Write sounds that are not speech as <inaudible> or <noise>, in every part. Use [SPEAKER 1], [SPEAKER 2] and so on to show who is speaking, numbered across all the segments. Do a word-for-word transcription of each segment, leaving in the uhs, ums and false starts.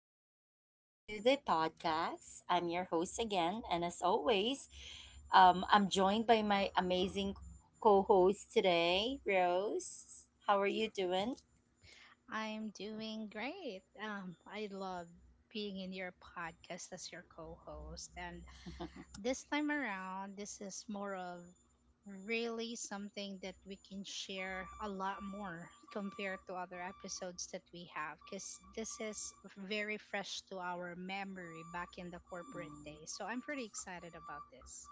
[SPEAKER 1] and welcome back to the podcast. I'm your host again, and as always, um, I'm joined by my amazing co host today, Rose. How are you doing?
[SPEAKER 2] I'm doing great. Um, I love being in your podcast as your co-host, and this time around, this is more of really something that we can share a lot more compared to other episodes that we have, because this is very fresh to our memory back in the corporate days. So I'm pretty excited about this.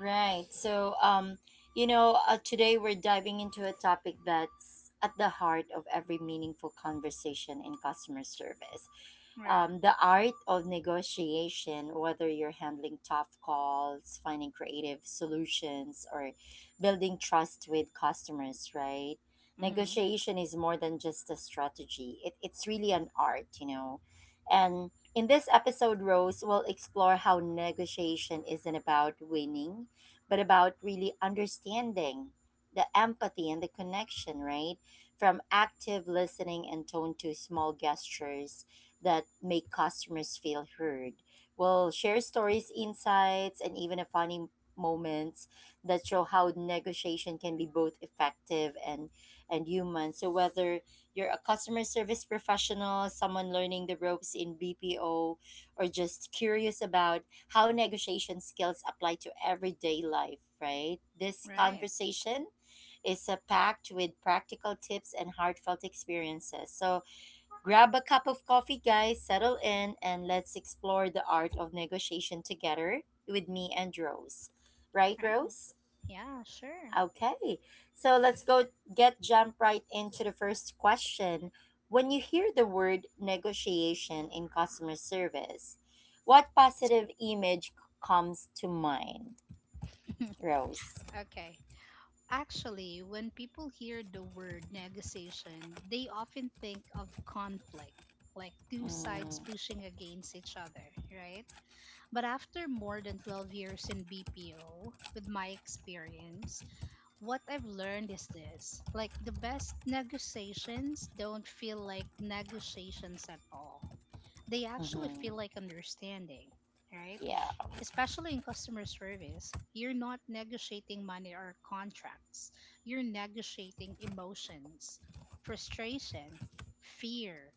[SPEAKER 1] Right. So, um, you know, uh, today we're diving into a topic that's at the heart of every meaningful conversation in customer service.
[SPEAKER 2] Right.
[SPEAKER 1] Um, the art of negotiation, whether you're handling tough calls, finding creative solutions, or building trust with customers, right?
[SPEAKER 2] Mm-hmm.
[SPEAKER 1] Negotiation is more than just a strategy, it, it's really an art, you know. And in this episode, Rose will explore how negotiation isn't about winning but about really understanding the empathy and the connection, right? From active listening and tone to small gestures that make customers feel heard. We'll share stories, insights, and even a funny moments that show how negotiation can be both effective and and human. So whether you're a customer service professional, someone learning the ropes in B P O, or just curious about how negotiation skills apply to everyday life, right? This
[SPEAKER 2] Right.
[SPEAKER 1] conversation is uh, packed with practical tips and heartfelt experiences. So grab a cup of coffee, guys, settle in, and let's explore the art of negotiation together with me and Rose. Right,
[SPEAKER 2] Right.
[SPEAKER 1] Rose?
[SPEAKER 2] Yeah. Sure.
[SPEAKER 1] Okay, so let's go get jump right into the first question. When you hear the word negotiation in customer service, what positive image c- comes to mind, Rose?
[SPEAKER 2] <laughs> Okay. Actually, when people hear the word negotiation, they often think of conflict, like two sides
[SPEAKER 1] Mm,
[SPEAKER 2] pushing against each other, right? But after more than twelve years in B P O, with my experience, what I've learned is this, like, the best negotiations don't feel like negotiations at all. They actually feel
[SPEAKER 1] mm-hmm.
[SPEAKER 2] like understanding, right?
[SPEAKER 1] Yeah,
[SPEAKER 2] Especially in customer service, you're not negotiating money or contracts, you're negotiating emotions, frustration, fear,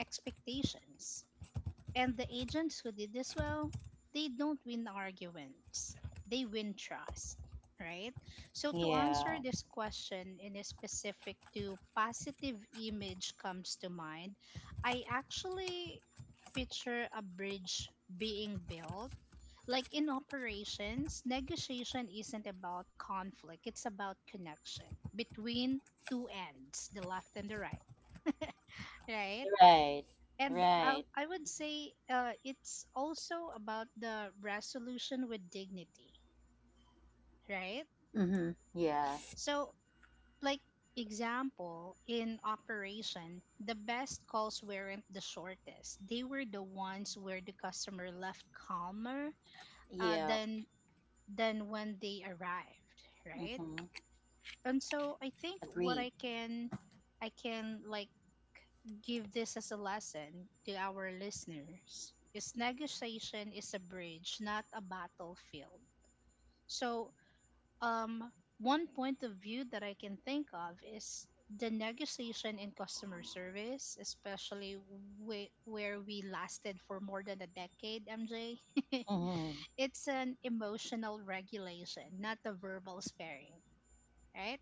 [SPEAKER 2] expectations. And the agents who did this well, they don't win arguments, they win trust, right? So, to
[SPEAKER 1] yeah,
[SPEAKER 2] answer this question in a specific to positive image comes to mind, I actually picture a bridge being built. Like in operations, negotiation isn't about conflict, it's about connection between two ends, the left and the right. <laughs> Right?
[SPEAKER 1] right,
[SPEAKER 2] And I,
[SPEAKER 1] right.
[SPEAKER 2] I would say uh, it's also about the resolution with dignity, right?
[SPEAKER 1] Mm-hmm. Yeah,
[SPEAKER 2] So, like, example, in operation, the best calls weren't the shortest. They were the ones where the customer left calmer uh,
[SPEAKER 1] yeah,
[SPEAKER 2] than, than when they arrived, right?
[SPEAKER 1] mm-hmm.
[SPEAKER 2] And so I think what
[SPEAKER 1] Agree.
[SPEAKER 2] I can, I can like give this as a lesson to our listeners is negotiation is a bridge, not a battlefield. So um one point of view that I can think of is the negotiation in customer service, especially whe- where we lasted for more than a decade, MJ. <laughs>
[SPEAKER 1] Mm-hmm.
[SPEAKER 2] It's an emotional regulation, not a verbal sparing, right?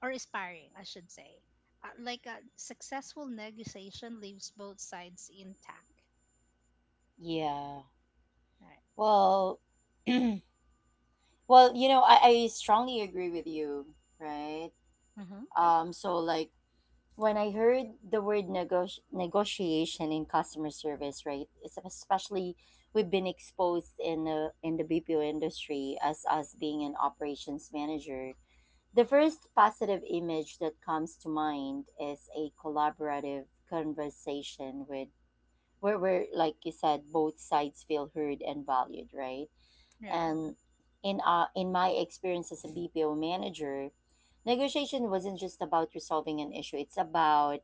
[SPEAKER 2] Or aspiring, I should say. Uh, like a successful negotiation leaves both sides intact.
[SPEAKER 1] Yeah.
[SPEAKER 2] Right.
[SPEAKER 1] Well, <clears throat> well, you know, I, I strongly agree with you, right?
[SPEAKER 2] Mm-hmm.
[SPEAKER 1] Um, so like when I heard the word negoti negotiation in customer service, right? It's especially we've been exposed in the in the B P O industry as us being an operations manager. The first positive image that comes to mind is a collaborative conversation with where where like you said both sides feel heard and valued, right?
[SPEAKER 2] Right.
[SPEAKER 1] And in uh, in my experience as a B P O manager, negotiation wasn't just about resolving an issue. It's about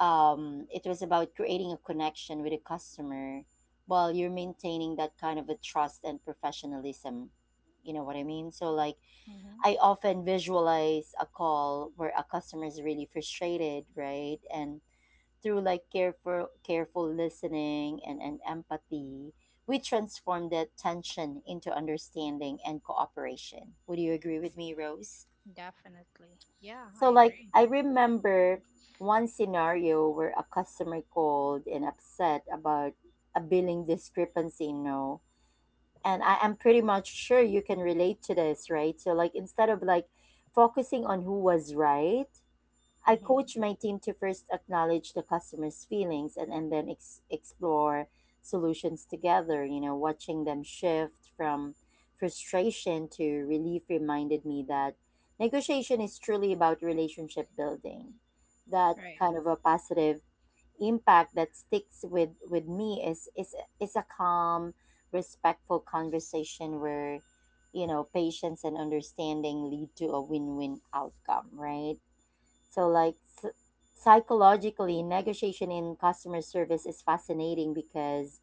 [SPEAKER 1] um, it was about creating a connection with a customer while you're maintaining that kind of a trust and professionalism. You know what I mean? So like
[SPEAKER 2] Mm-hmm.
[SPEAKER 1] I often visualize a call where a customer is really frustrated, right? And through like careful careful listening and, and empathy, we transform that tension into understanding and cooperation. Would you agree with me, Rose?
[SPEAKER 2] Definitely. Yeah, I
[SPEAKER 1] So like
[SPEAKER 2] agree.
[SPEAKER 1] I remember one scenario where a customer called and upset about a billing discrepancy, you know, and I am pretty much sure you can relate to this, right? So like instead of like focusing on who was right, I
[SPEAKER 2] Mm-hmm.
[SPEAKER 1] coach my team to first acknowledge the customer's feelings and, and then ex- explore solutions together. You know, watching them shift from frustration to relief reminded me that negotiation is truly about relationship building. That
[SPEAKER 2] Right.
[SPEAKER 1] kind of a positive impact that sticks with, with me is, is, is a calm, respectful conversation where, you know, patience and understanding lead to a win win outcome, right? So, like s Psychologically, negotiation in customer service is fascinating because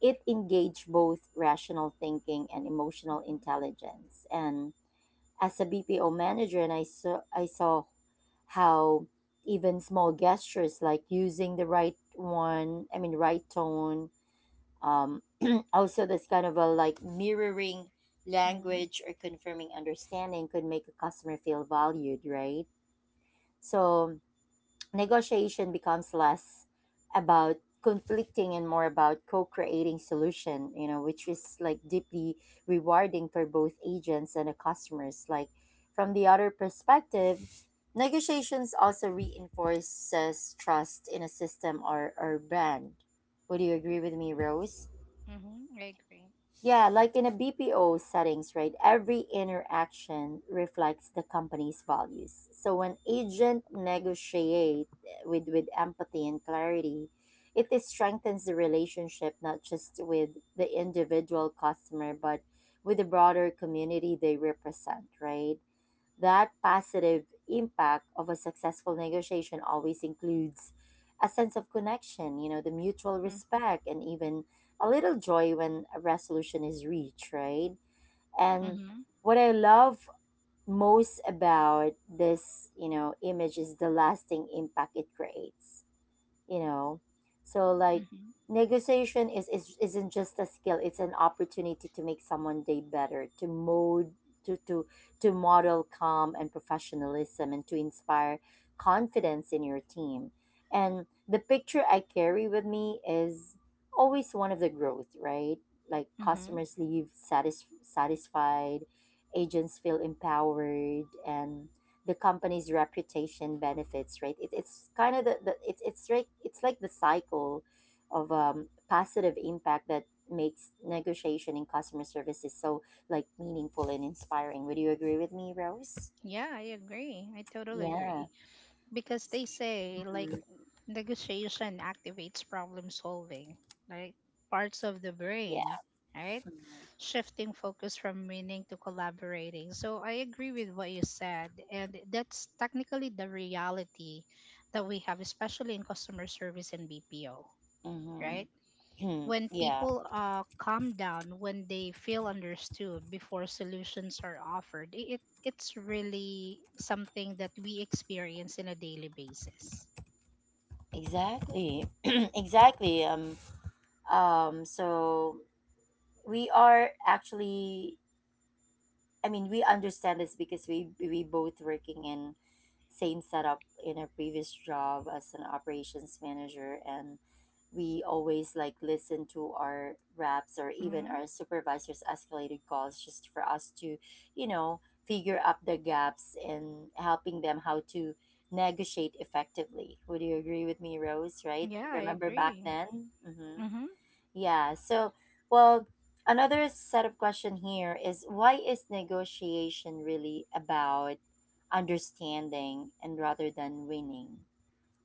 [SPEAKER 1] it engage both rational thinking and emotional
[SPEAKER 2] Mm-hmm.
[SPEAKER 1] intelligence. And as a B P O manager, and I saw I saw how even small gestures like using the right one, I mean, right tone, um, <clears throat> also this kind of a like mirroring language
[SPEAKER 2] Mm-hmm.
[SPEAKER 1] or confirming understanding could make a customer feel valued, right? So negotiation becomes less about conflicting and more about co-creating solution, you know, which is like deeply rewarding for both agents and the customers, like from the other perspective negotiations also reinforces trust in a system or, or brand. Would you agree with me, Rose?
[SPEAKER 2] Mm-hmm. I agree.
[SPEAKER 1] Yeah, like in a B P O settings, right? Every interaction reflects the company's values. So when agent negotiate with with empathy and clarity, it is strengthens the relationship not just with the individual customer but with the broader community they represent, right? That positive impact of a successful negotiation always includes a sense of connection, you know, the mutual
[SPEAKER 2] Mm-hmm.
[SPEAKER 1] respect, and even a little joy when a resolution is reached, right? And
[SPEAKER 2] Mm-hmm.
[SPEAKER 1] what I love most about this, you know, image is the lasting impact it creates, you know, so like
[SPEAKER 2] Mm-hmm.
[SPEAKER 1] negotiation is, is isn't just a skill, it's an opportunity to make someone day better, to mold to, to to model calm and professionalism and to inspire confidence in your team, and the picture I carry with me is always one of the growth, right? Like
[SPEAKER 2] Mm-hmm.
[SPEAKER 1] customers leave satis- satisfied, agents feel empowered, and the company's reputation benefits, right? It, it's kind of the, the it's it's like it's like the cycle of um, positive impact that makes negotiation in customer services so like meaningful and inspiring. Would you agree with me, Rose?
[SPEAKER 2] Yeah, I agree. I totally
[SPEAKER 1] Yeah.
[SPEAKER 2] agree. Because they say like
[SPEAKER 1] Mhm.
[SPEAKER 2] negotiation activates problem solving, right, parts of the brain,
[SPEAKER 1] Yeah.
[SPEAKER 2] right, shifting focus from winning to collaborating. So I agree with what you said, and that's technically the reality that we have, especially in customer service and BPO,
[SPEAKER 1] Mm-hmm.
[SPEAKER 2] right?
[SPEAKER 1] <clears throat>
[SPEAKER 2] When
[SPEAKER 1] Yeah,
[SPEAKER 2] people uh, calm down, when they feel understood before solutions are offered, i- it it's really something that we experience in a daily basis.
[SPEAKER 1] exactly. <clears throat> Exactly. Um, um, so we are actually, I mean, we understand this because we we both working in same setup in our previous job as an operations manager, and we always like listen to our reps or even
[SPEAKER 2] Hmm.
[SPEAKER 1] our supervisors' escalated calls just for us to, you know, figure up the gaps and helping them how to negotiate effectively. Would you agree with me, Rose? Right?
[SPEAKER 2] Yeah, I
[SPEAKER 1] Remember back
[SPEAKER 2] agree.
[SPEAKER 1] then? Mm-hmm.
[SPEAKER 2] Mm-hmm.
[SPEAKER 1] Yeah. So, well, another set of question here is why is negotiation really about understanding and rather than winning?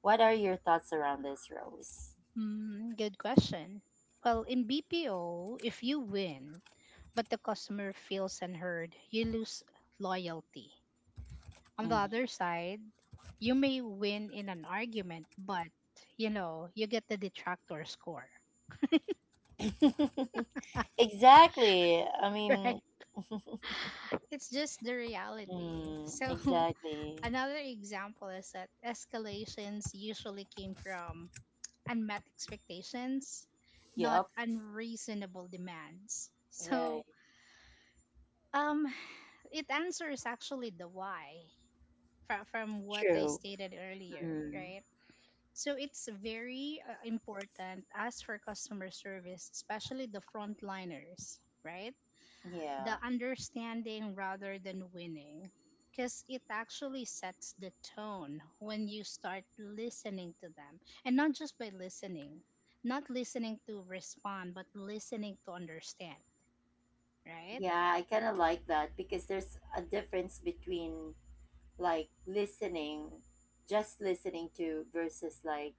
[SPEAKER 1] What are your thoughts around this, Rose?
[SPEAKER 2] Mm, good question. Well, in B P O, if you win, but the customer feels unheard, you lose loyalty. On the
[SPEAKER 1] Mhm.
[SPEAKER 2] other side, you may win in an argument, but, you know, you get the detractor score.
[SPEAKER 1] <laughs> Exactly. I
[SPEAKER 2] <laughs> Right?
[SPEAKER 1] mean,
[SPEAKER 2] It's just the reality.
[SPEAKER 1] mm,
[SPEAKER 2] So, <laughs>
[SPEAKER 1] exactly.
[SPEAKER 2] another example is that escalations usually came from unmet expectations, not
[SPEAKER 1] Yep.
[SPEAKER 2] unreasonable demands.
[SPEAKER 1] Right.
[SPEAKER 2] So, um, it answers actually the why from, from what I
[SPEAKER 1] True.
[SPEAKER 2] stated earlier,
[SPEAKER 1] Mm.
[SPEAKER 2] right? So it's very uh, important as for customer service, especially the frontliners, right? The
[SPEAKER 1] Yeah.
[SPEAKER 2] understanding rather than winning, because it actually sets the tone when you start listening to them, and not just by listening, not listening to respond, but listening to understand, right?
[SPEAKER 1] Yeah, I kind of like that because there's a difference between like listening, just listening to versus like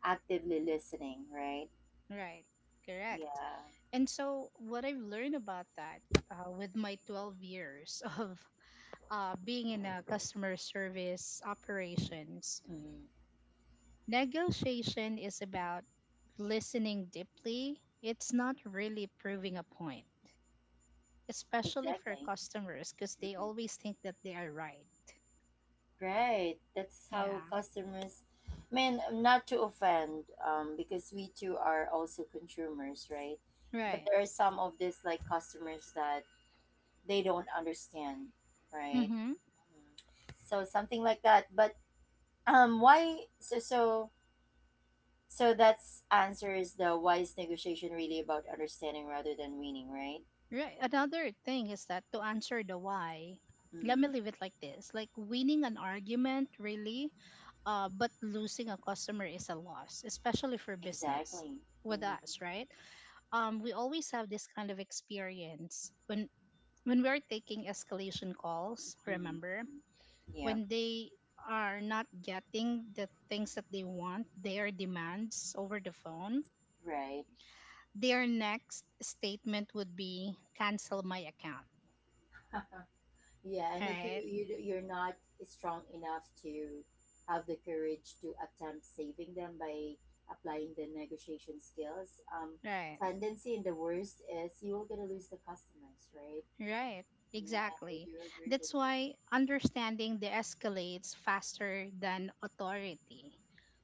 [SPEAKER 1] actively listening, right?
[SPEAKER 2] Right, correct.
[SPEAKER 1] Yeah.
[SPEAKER 2] And so, what I've learned about that uh, with my twelve years <laughs> of uh, being in a customer service operations,
[SPEAKER 1] Mm-hmm.
[SPEAKER 2] negotiation is about listening deeply. It's not really proving a point, especially for
[SPEAKER 1] Exactly.
[SPEAKER 2] customers because they
[SPEAKER 1] Mm-hmm.
[SPEAKER 2] always think that they are right.
[SPEAKER 1] Right. That's how
[SPEAKER 2] Yeah,
[SPEAKER 1] customers. I mean, not to offend, um, because we too are also consumers, right? But
[SPEAKER 2] right.
[SPEAKER 1] there are some of these like customers that they don't understand, right?
[SPEAKER 2] Mm-hmm.
[SPEAKER 1] Mhm. So something like that. But um, why? So so So that's answer is the why is negotiation really about understanding rather than winning, right?
[SPEAKER 2] Right. Another thing is that to answer the why, let me
[SPEAKER 1] Mm,
[SPEAKER 2] leave it like this, like winning an argument, really, uh, but losing a customer is a loss, especially for business
[SPEAKER 1] exactly.
[SPEAKER 2] with
[SPEAKER 1] Hmm.
[SPEAKER 2] us, right? Um, we always have this kind of experience when when we're taking escalation calls,
[SPEAKER 1] Hmm.
[SPEAKER 2] remember,
[SPEAKER 1] Yeah.
[SPEAKER 2] when they are not getting the things that they want, their demands over the phone,
[SPEAKER 1] Right.
[SPEAKER 2] their next statement would be cancel my account,
[SPEAKER 1] Yeah, and if you,
[SPEAKER 2] right.
[SPEAKER 1] you you're not strong enough to have the courage to attempt saving them by applying the negotiation skills, um,
[SPEAKER 2] Right.
[SPEAKER 1] tendency in the worst is you will gonna lose the customers, right?
[SPEAKER 2] Right,
[SPEAKER 1] Yeah, I
[SPEAKER 2] exactly.
[SPEAKER 1] do agree with
[SPEAKER 2] That's why understanding the escalates faster than authority.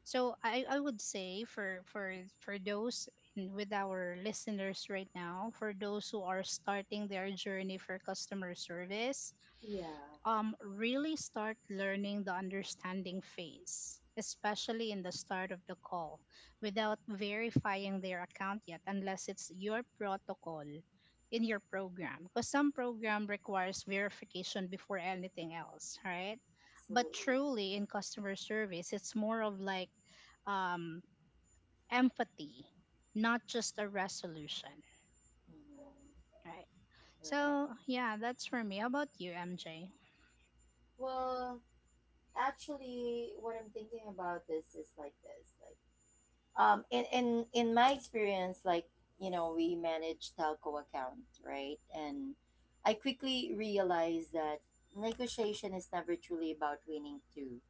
[SPEAKER 2] So I, I would say for for for those in- with our listeners right now, for those who are starting their journey for customer service,
[SPEAKER 1] you. Yeah,
[SPEAKER 2] um, really start learning the understanding phase, especially in the start of the call, without verifying their account yet, unless it's your protocol in your program. Because some program requires verification before anything else, right? But
[SPEAKER 1] absolutely.
[SPEAKER 2] truly, in customer service, it's more of like, um, empathy, not just a resolution,
[SPEAKER 1] Mhm.
[SPEAKER 2] right?
[SPEAKER 1] Right.
[SPEAKER 2] So, yeah, that's for me. How about you, M J?
[SPEAKER 1] Well, actually what I'm thinking about this is like this like um in in in my experience, like, you know, we manage telco account, right? And I quickly realized that negotiation is never truly about winning too,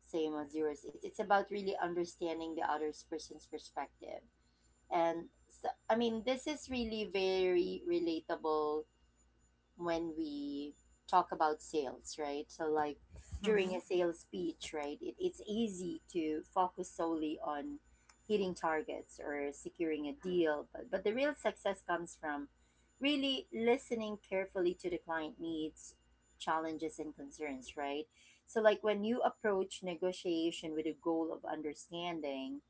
[SPEAKER 1] same as yours. it's, it's about really understanding the other person's perspective. And so, I mean, this is really very relatable when we talk about sales, right? So, like
[SPEAKER 2] Mm-hmm.
[SPEAKER 1] during a sales pitch, right, it, it's easy to focus solely on hitting targets or securing a deal, but, but the real success comes from really listening carefully to the client needs, challenges, and concerns, right? So, like when you approach negotiation with a goal of understanding,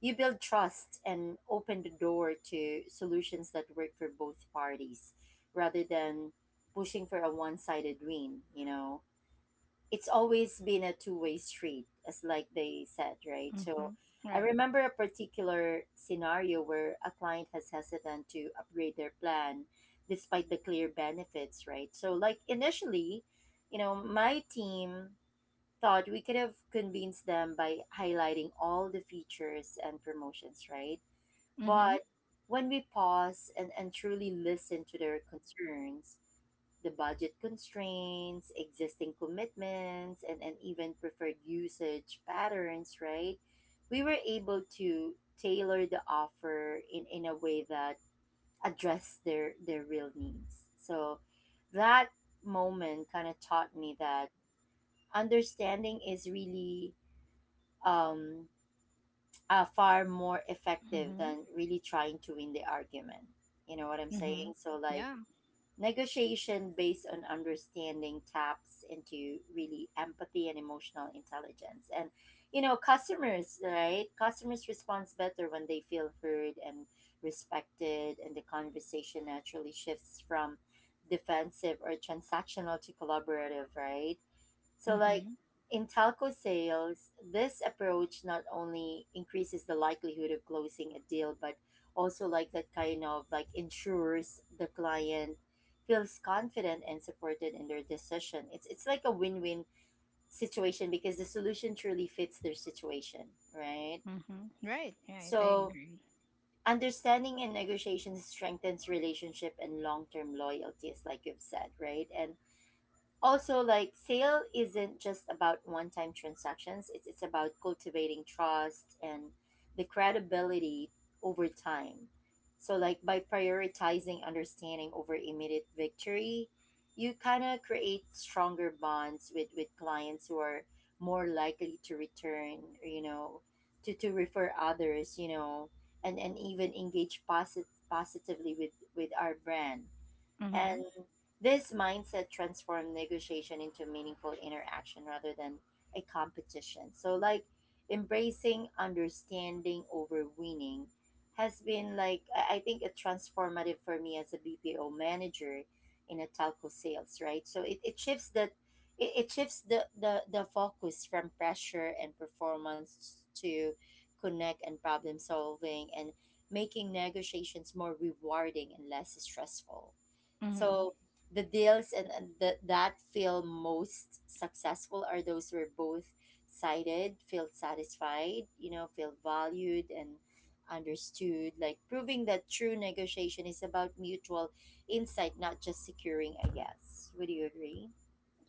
[SPEAKER 1] you build trust and open the door to solutions that work for both parties rather than pushing for a one sided win, you know. It's always been a two way street, as like they said, right?
[SPEAKER 2] Mm-hmm.
[SPEAKER 1] So I
[SPEAKER 2] Right.
[SPEAKER 1] remember a particular scenario where a client has hesitant to upgrade their plan despite the clear benefits, right? So like initially, you know, my team thought we could have convinced them by highlighting all the features and promotions, right?
[SPEAKER 2] Mm-hmm.
[SPEAKER 1] But when we pause and, and truly listen to their concerns, the budget constraints, existing commitments, and, and even preferred usage patterns, right? We were able to tailor the offer in, in a way that addressed their, their real needs. So that moment kind of taught me that understanding is really um, uh, far more effective
[SPEAKER 2] Mhm.
[SPEAKER 1] than really trying to win the argument. You know what I'm
[SPEAKER 2] Mhm.
[SPEAKER 1] saying? So, like,
[SPEAKER 2] Yeah.
[SPEAKER 1] negotiation based on understanding taps into really empathy and emotional intelligence. And, you know, customers, right? Customers respond better when they feel heard and respected, and the conversation naturally shifts from defensive or transactional to collaborative, right? So, like
[SPEAKER 2] Mhm.
[SPEAKER 1] in telco sales, this approach not only increases the likelihood of closing a deal, but also like that kind of like ensures the client feels confident and supported in their decision. It's it's like a win-win situation because the solution truly fits their situation, right?
[SPEAKER 2] Mhm. Right. Right. I
[SPEAKER 1] So
[SPEAKER 2] agree.
[SPEAKER 1] understanding and negotiation strengthens relationship and long-term loyalty, as like you've said, right? And also, like sale isn't just about one-time transactions. It's it's about cultivating trust and the credibility over time. So like by prioritizing understanding over immediate victory, you kind of create stronger bonds with with clients who are more likely to return, you know, to to refer others, you know, and and even engage posit- positively with with our brand, and
[SPEAKER 2] Mhm.
[SPEAKER 1] this mindset transformed negotiation into meaningful interaction rather than a competition. So, like, embracing understanding over winning has been like, I I think, a transformative for me as a B P O manager in a telco sales, right? So, it, it shifts that. It, it shifts the, the, the focus from pressure and performance to connect and problem solving and making negotiations more rewarding and less stressful.
[SPEAKER 2] Mhm.
[SPEAKER 1] So the deals and, and the, that feel most successful are those where both sided feel satisfied, you know, feel valued and understood, like proving that true negotiation is about mutual insight, not just securing a yes. Would you agree?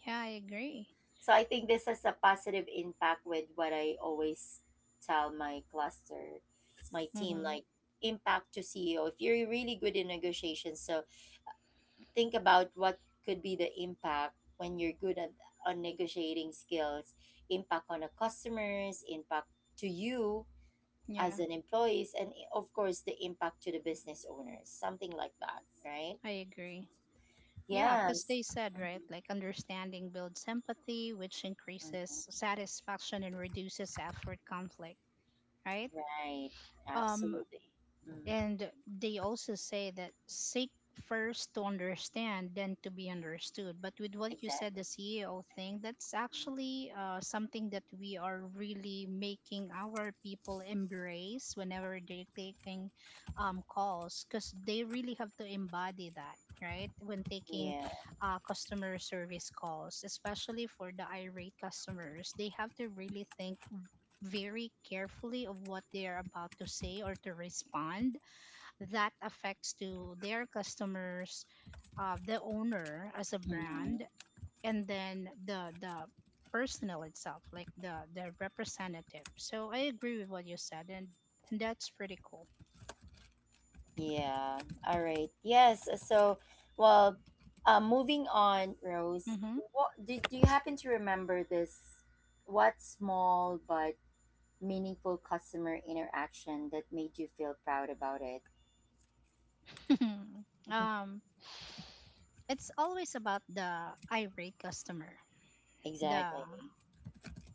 [SPEAKER 2] Yeah, I agree.
[SPEAKER 1] So I think this has a positive impact with what I always tell my cluster, my team,
[SPEAKER 2] Mhm.
[SPEAKER 1] like impact to C E O. If you're really good in negotiations, so think about what could be the impact when you're good at on negotiating skills, impact on the customers, impact to you
[SPEAKER 2] Yeah,
[SPEAKER 1] as an employees and i- of course the impact to the business owners, something like that, right?
[SPEAKER 2] I agree. Yeah, because
[SPEAKER 1] Yes.
[SPEAKER 2] they said,
[SPEAKER 1] Mhm,
[SPEAKER 2] right, like understanding builds empathy, which
[SPEAKER 1] mhm.
[SPEAKER 2] increases satisfaction and reduces effort conflict. Right.
[SPEAKER 1] Right,
[SPEAKER 2] Um.
[SPEAKER 1] absolutely. Mm,
[SPEAKER 2] And they also say that seek first to understand, then to be understood. But with what you said,
[SPEAKER 1] exactly.
[SPEAKER 2] the C E O thing, that's
[SPEAKER 1] Mhm.
[SPEAKER 2] actually uh, something that we are really making our people embrace whenever they're taking um, calls, because they really have to embody that. Right, when taking
[SPEAKER 1] Yeah.
[SPEAKER 2] uh, customer service calls, especially for the irate customers, they have to really think very carefully of what they are about to say or to respond that affects to their customers, uh, the owner as a
[SPEAKER 1] Mm-hmm.
[SPEAKER 2] brand, and then the the personnel itself, like the the representative. So I agree with what you said, and, and that's pretty cool.
[SPEAKER 1] Yeah. All right. Yes. uh, So, well, uh, moving on, Rose.
[SPEAKER 2] Hmm.
[SPEAKER 1] What do, do you happen to remember this? What small but meaningful customer interaction that made you feel proud about it?
[SPEAKER 2] <laughs>
[SPEAKER 1] <laughs>
[SPEAKER 2] Um, it's always about the irate customer, the
[SPEAKER 1] Exactly.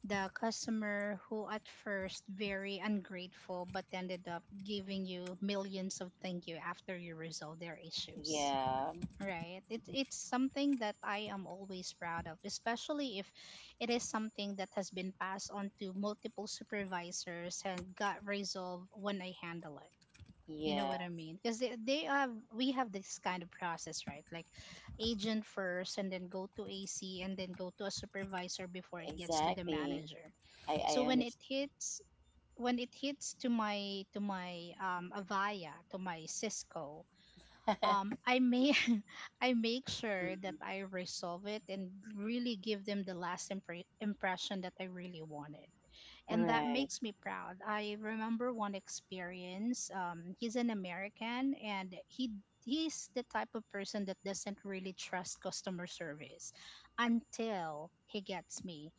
[SPEAKER 2] the customer who at first very ungrateful but ended up giving you millions of thank you after you resolve their issues.
[SPEAKER 1] Yeah.
[SPEAKER 2] Right. It's it's something that I am always proud of, especially if it is something that has been passed on to multiple supervisors and got resolved when I handle it. You know
[SPEAKER 1] Yeah.
[SPEAKER 2] what I mean? Because they, they have we have this kind of process, right? Like agent first and then go to A C and then go to a supervisor before it gets to the
[SPEAKER 1] Exactly.
[SPEAKER 2] manager.
[SPEAKER 1] I
[SPEAKER 2] So when
[SPEAKER 1] I
[SPEAKER 2] it hits when it hits to my to my um Avaya, to my Cisco, um,
[SPEAKER 1] understand.
[SPEAKER 2] I may <laughs> I make
[SPEAKER 1] <laughs> Mhm.
[SPEAKER 2] sure that I resolve it and really give them the last impre- impression that I really wanted, and that
[SPEAKER 1] Right.
[SPEAKER 2] makes me proud. I remember one experience. Um, he's an American, and he he's the type of person that doesn't really trust customer service until he gets me.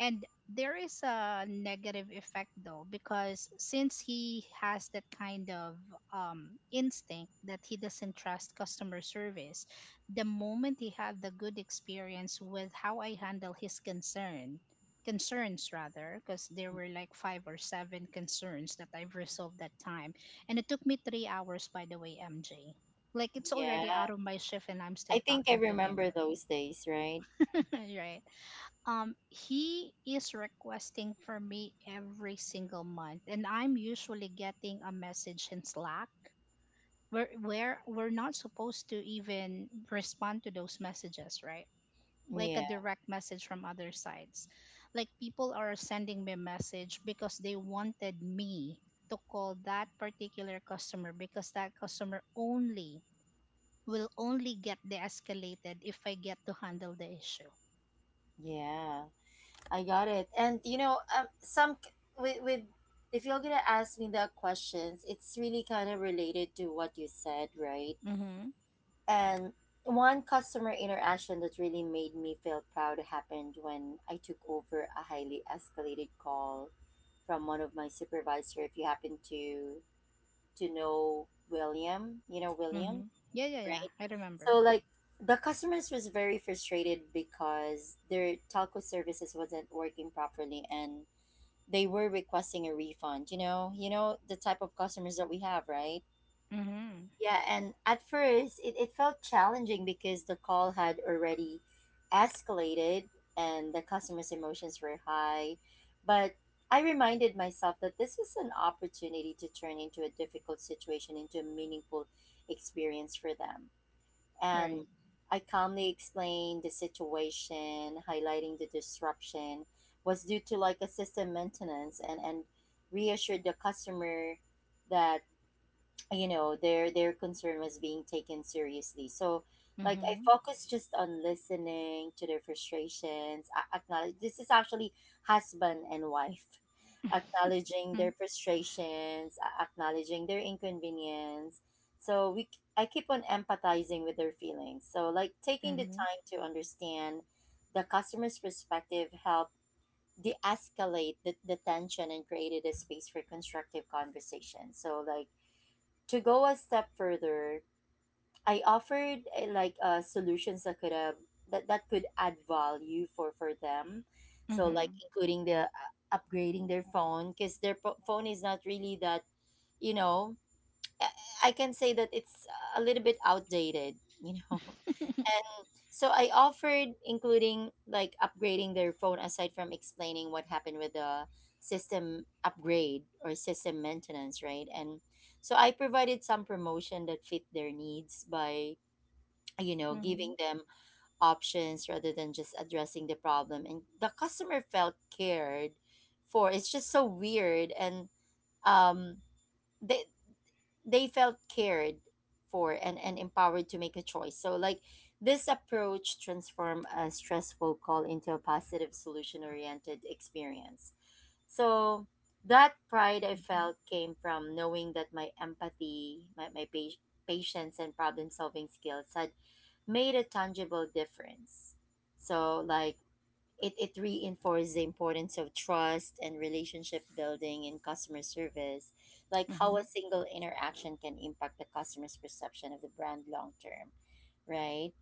[SPEAKER 2] And there is a negative effect though, because since he has that kind of um, instinct that he doesn't trust customer service, the moment he had the good experience with how I handle his concern, concerns rather, because there were like five or seven concerns that I've resolved that time. And it took me three hours, by the way, M J. Like it's already
[SPEAKER 1] Yeah.
[SPEAKER 2] out of my shift and I'm
[SPEAKER 1] I
[SPEAKER 2] still
[SPEAKER 1] think I
[SPEAKER 2] talking to
[SPEAKER 1] remember
[SPEAKER 2] him.
[SPEAKER 1] those days. Right.
[SPEAKER 2] <laughs> Right? Um, he is requesting for me every single month, and I'm usually getting a message in Slack where where we're not supposed to even respond to those messages, right? Like a
[SPEAKER 1] Yeah.
[SPEAKER 2] direct message from other sites. Like people are sending me a message because they wanted me to call that particular customer because that customer only will only get de-escalated if I get to handle the issue.
[SPEAKER 1] Yeah. I got it. And you know, um, some c- with with if you're gonna ask me the questions, it's really kind of related to what you said, right?
[SPEAKER 2] Mm-hmm.
[SPEAKER 1] And one customer interaction that really made me feel proud happened when I took over a highly escalated call from one of my supervisor. If you happen to to know William, you know William,
[SPEAKER 2] Mm-hmm. Yeah, yeah, yeah.
[SPEAKER 1] right?
[SPEAKER 2] I remember.
[SPEAKER 1] So like the customers was very frustrated because their telco services wasn't working properly and they were requesting a refund, you know, you know the type of customers that we have, right?
[SPEAKER 2] Mm-hmm.
[SPEAKER 1] Yeah. And at first it, it felt challenging because the call had already escalated and the customer's emotions were high, but I reminded myself that this is an opportunity to turn into a difficult situation into a meaningful experience for them.
[SPEAKER 2] Right.
[SPEAKER 1] And I calmly explained the situation, highlighting the disruption was due to like a system maintenance, and, and reassured the customer that, you know, their their concern was being taken seriously. So like I
[SPEAKER 2] Mm-hmm.
[SPEAKER 1] focused just on listening to their frustrations, a- acknowledge, this is actually husband and wife, acknowledging
[SPEAKER 2] <laughs>
[SPEAKER 1] their frustrations, a- acknowledging their inconvenience. So we c- I keep on empathizing with their feelings. So like taking the
[SPEAKER 2] Mm-hmm.
[SPEAKER 1] time to understand the customer's perspective helped de-escalate the, the tension and created a space for constructive conversation. So like to go a step further, I offered eh, like uh, solutions that could uh, that that could add value for for them.
[SPEAKER 2] Mm-hmm.
[SPEAKER 1] So
[SPEAKER 2] Mm-hmm.
[SPEAKER 1] like including the uh, upgrading their phone, because their po- phone is not really that, you know, I I can say that it's a little bit outdated. You know, <laughs> and so I offered including like upgrading their phone aside from explaining what happened with the system upgrade or system maintenance, right? And so I provided some promotion that fit their needs by, you know, giving them options rather than just addressing the problem. And the customer felt cared for. It's just so weird. And um they they felt cared for, and, and empowered to make a choice. So like this approach transform a stressful call into a positive solution oriented experience. So that pride I felt came from knowing that my empathy, my, my pa- patience and problem solving skills had made a tangible difference. So like it, it reinforces the importance of trust and relationship building in customer service, like how
[SPEAKER 2] Mm-hmm.
[SPEAKER 1] a single interaction can impact the customer's perception of the brand long term, right?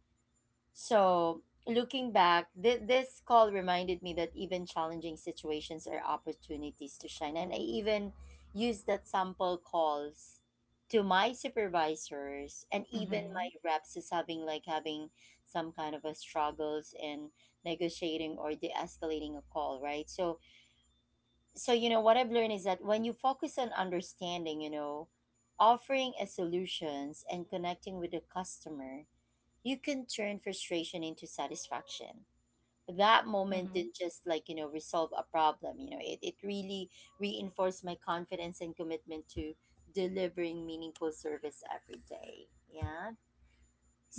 [SPEAKER 1] So, looking back, th- this call reminded me that even challenging situations are opportunities to shine. And I even used that sample calls to my supervisors and even my
[SPEAKER 2] Mm-hmm.
[SPEAKER 1] reps as having like having some kind of a struggles in negotiating or de-escalating a call, right? So so you know what I've learned is that when you focus on understanding, you know, offering a solutions and connecting with the customer, you can turn frustration into satisfaction. That moment
[SPEAKER 2] Mm-hmm.
[SPEAKER 1] didn't just, like, you know, resolve a problem. You know, it, it really reinforced my confidence and commitment to delivering meaningful service every day. Yeah.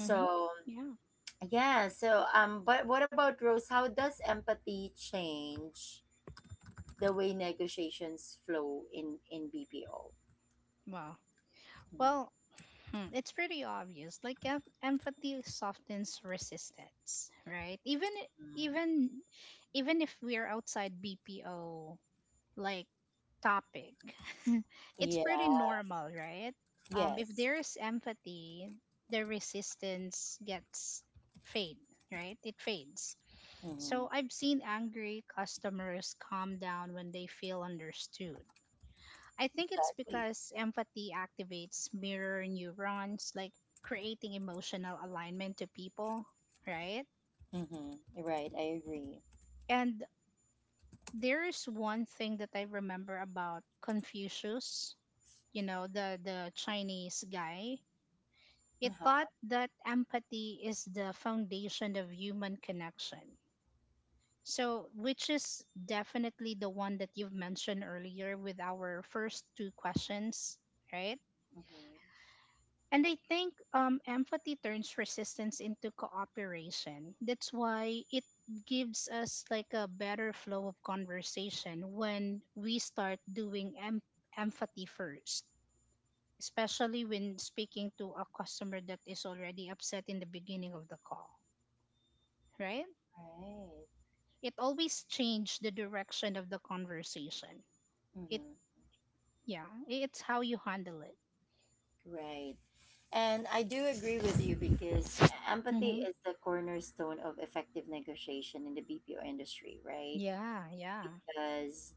[SPEAKER 2] Mm-hmm. Yeah.
[SPEAKER 1] yeah. So um but what about Rose, how does empathy change the way negotiations flow in in BPO?
[SPEAKER 2] Wow. Well, hmm, it's pretty obvious. Like em- empathy softens resistance, right? Even i-
[SPEAKER 1] Mhm.
[SPEAKER 2] even even if we're outside B P O like topic. <laughs> It's pretty
[SPEAKER 1] Yeah,
[SPEAKER 2] normal, right? Um, if
[SPEAKER 1] yes.
[SPEAKER 2] there is empathy, the resistance gets fade, right? It fades.
[SPEAKER 1] Hmm,
[SPEAKER 2] So I've seen angry customers calm down when they feel understood. I think it's
[SPEAKER 1] exactly.
[SPEAKER 2] because empathy activates mirror neurons, like creating emotional alignment to people, right?
[SPEAKER 1] Hmm, right, I agree.
[SPEAKER 2] And there is one thing that I remember about Confucius, you know, the, the Chinese guy, it thought that empathy is the foundation of human connection. So, which is definitely the one that you've mentioned earlier with our first two questions, right?
[SPEAKER 1] Mhm.
[SPEAKER 2] And I think um, empathy turns resistance into cooperation. That's why it gives us like a better flow of conversation when we start doing em- empathy first, especially when speaking to a customer that is already upset in the beginning of the call, right?
[SPEAKER 1] Right.
[SPEAKER 2] It always changes the direction of the conversation. It,
[SPEAKER 1] Mhm.
[SPEAKER 2] yeah, it's how you handle it.
[SPEAKER 1] Right. And I do agree with you, because empathy
[SPEAKER 2] Mm-hmm.
[SPEAKER 1] is the cornerstone of effective negotiation in the B P O industry, right?
[SPEAKER 2] Yeah, yeah.
[SPEAKER 1] Because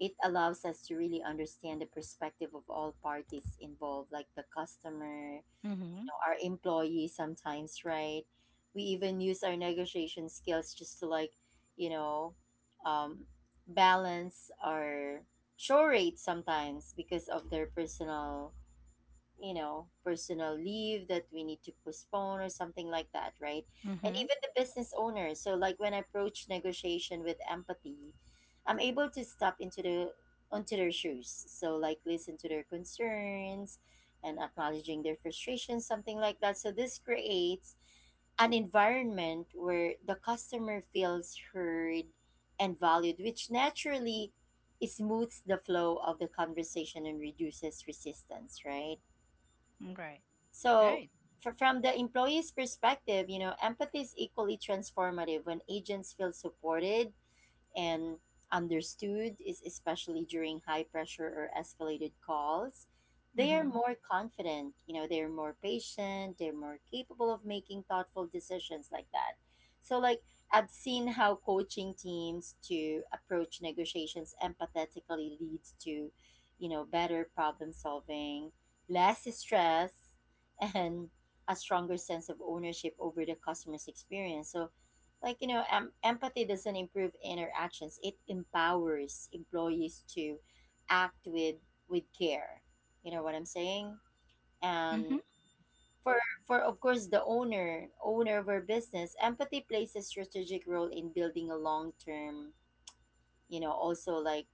[SPEAKER 1] it allows us to really understand the perspective of all parties involved, like the customer, you
[SPEAKER 2] Mm-hmm.
[SPEAKER 1] know, our employee sometimes, right? We even use our negotiation skills just to like, you know, um, balance our show rate sometimes because of their personal, you know, personal leave that we need to postpone or something like that, right? And
[SPEAKER 2] Mm-hmm.
[SPEAKER 1] even the business owners. So, like when I approach negotiation with empathy, I'm able to step into the onto their shoes. So, like listen to their concerns and acknowledging their frustrations, something like that. So, this creates an environment where the customer feels heard and valued, which naturally smooths the flow of the conversation and reduces resistance, right?
[SPEAKER 2] Right,
[SPEAKER 1] So,
[SPEAKER 2] right.
[SPEAKER 1] for, from the employee's perspective, you know, empathy is equally transformative. When agents feel supported and understood is especially during high pressure or escalated calls, they are
[SPEAKER 2] Mm-hmm.
[SPEAKER 1] more confident, you know, they're more patient, they're more capable of making thoughtful decisions, like that. So like I've seen how coaching teams to approach negotiations empathetically leads to, you know, better problem solving, less stress, <laughs> and a stronger sense of ownership over the customer's experience. So like, you know, em- empathy doesn't improve interactions, it empowers employees to act with with care, you know what I'm saying.
[SPEAKER 2] Mm-hmm.
[SPEAKER 1] And for for of course the owner owner of our business, empathy plays a strategic role in building a long term, you know, also like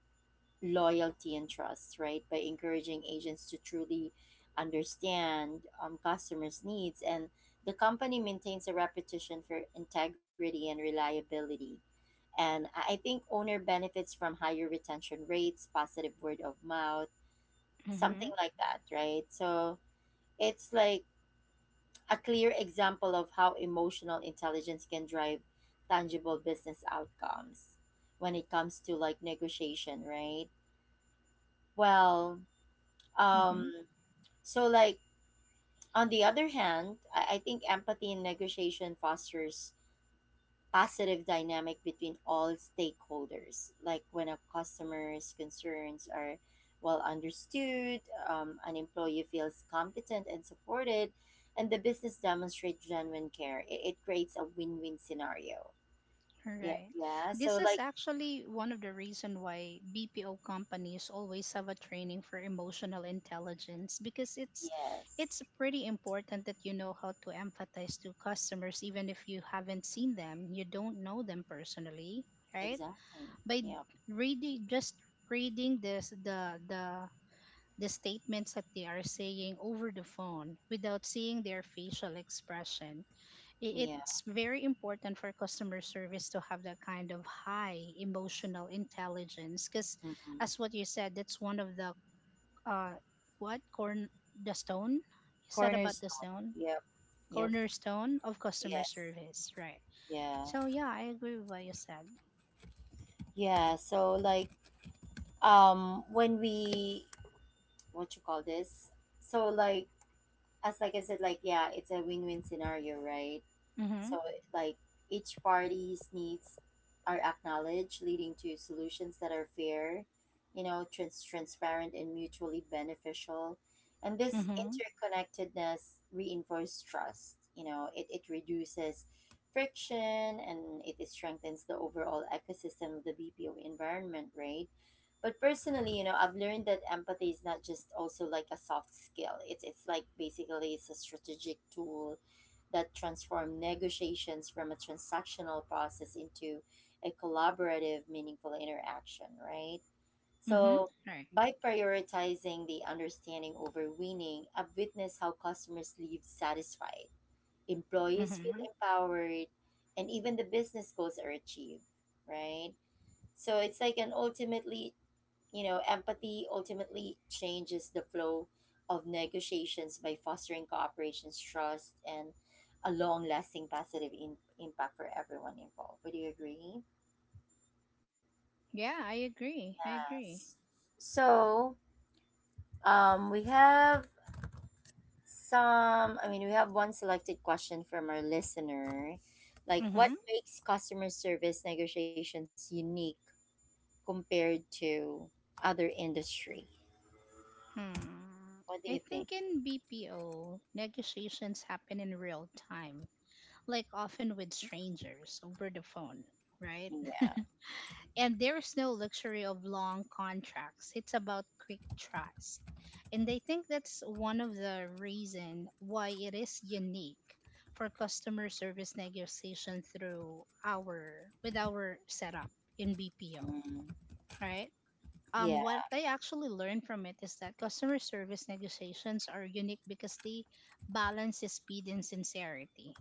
[SPEAKER 1] loyalty and trust, right? By encouraging agents to truly understand um, customers needs and the company maintains a reputation for integrity and reliability. And I I think owner benefits from higher retention rates, positive word of mouth,
[SPEAKER 2] Mm-hmm.
[SPEAKER 1] something like that, right? So it's like a clear example of how emotional intelligence can drive tangible business outcomes when it comes to like negotiation, right? Well, um,
[SPEAKER 2] Mm-hmm.
[SPEAKER 1] so like on the other hand, I, I think empathy in negotiation fosters positive dynamic between all stakeholders. Like when a customer's concerns are well understood, um, an employee feels competent and supported, and the business demonstrates genuine care, it, it creates a win-win scenario. Yeah,
[SPEAKER 2] Right.
[SPEAKER 1] yeah. So
[SPEAKER 2] This is
[SPEAKER 1] like
[SPEAKER 2] actually one of the reason why B P O companies always have a training for emotional intelligence, because it's
[SPEAKER 1] yes,
[SPEAKER 2] it's pretty important that you know how to empathize to customers even if you haven't seen them, you don't know them personally, right?
[SPEAKER 1] exactly.
[SPEAKER 2] By
[SPEAKER 1] Yeah,
[SPEAKER 2] reading just reading this the the the statements that they are saying over the phone without seeing their facial expression, i-
[SPEAKER 1] yeah.
[SPEAKER 2] it's very important for customer service to have that kind of high emotional intelligence because
[SPEAKER 1] Mm-hmm.
[SPEAKER 2] as what you said that's one of the uh what corn the stone you said about the
[SPEAKER 1] Cornerstone.
[SPEAKER 2] stone
[SPEAKER 1] Yep, yep.
[SPEAKER 2] cornerstone of customer
[SPEAKER 1] Yes,
[SPEAKER 2] service, right?
[SPEAKER 1] yeah,
[SPEAKER 2] So yeah, I agree with what you said.
[SPEAKER 1] yeah. So like um when we what you call this so like as like I said, like, yeah, it's a win-win scenario, right?
[SPEAKER 2] Mm-hmm.
[SPEAKER 1] So like each party's needs are acknowledged, leading to solutions that are fair, you know, trans- transparent and mutually beneficial. And this
[SPEAKER 2] Mm-hmm.
[SPEAKER 1] interconnectedness reinforces trust. You know, it, it reduces friction and it strengthens the overall ecosystem of the B P O environment, right? But personally, you know, I've learned that empathy is not just also like a soft skill. It's it's like basically it's a strategic tool that transform negotiations from a transactional process into a collaborative, meaningful interaction, right?
[SPEAKER 2] Mm-hmm.
[SPEAKER 1] So,
[SPEAKER 2] Right.
[SPEAKER 1] by prioritizing the understanding over winning, I've witnessed how customers leave satisfied, employees feel
[SPEAKER 2] Mm-hmm.
[SPEAKER 1] empowered, and even the business goals are achieved, right? So, it's like an ultimately, you know, empathy ultimately changes the flow of negotiations by fostering cooperation, trust, and a long lasting positive in- impact for everyone involved. Would you agree?
[SPEAKER 2] Yeah, I agree. I
[SPEAKER 1] Yes.
[SPEAKER 2] agree.
[SPEAKER 1] So, um, we have some, I mean, we have one selected question from our listener. Like, what
[SPEAKER 2] Mm-hmm.
[SPEAKER 1] makes customer service negotiations unique compared to other industry?
[SPEAKER 2] Hmm.
[SPEAKER 1] What do
[SPEAKER 2] I
[SPEAKER 1] you think?
[SPEAKER 2] think in BPO negotiations happen in real time, like often with strangers over the phone, right?
[SPEAKER 1] Yeah.
[SPEAKER 2] And there's no luxury of long contracts. It's about quick trust. And I think that's one of the reason why it is unique for customer service negotiation through our with our setup in B P O,
[SPEAKER 1] Mm,
[SPEAKER 2] right? Um,
[SPEAKER 1] yeah.
[SPEAKER 2] what I actually learned from it is that customer service negotiations are unique because they balance speed and sincerity,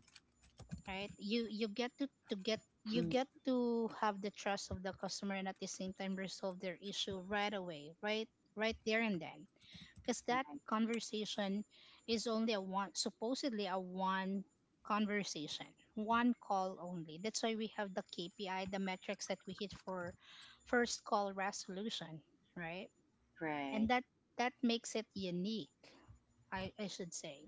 [SPEAKER 2] right? You you get to to get you
[SPEAKER 1] Mm-hmm.
[SPEAKER 2] get to have the trust of the customer and at the same time resolve their issue right away, right? Right there and then, because that
[SPEAKER 1] Right.
[SPEAKER 2] conversation is only a one, supposedly a one conversation, one call only. That's why we have the KPI, the metrics that we hit for first call resolution, right? And
[SPEAKER 1] Right.
[SPEAKER 2] that that makes it unique, i i should say.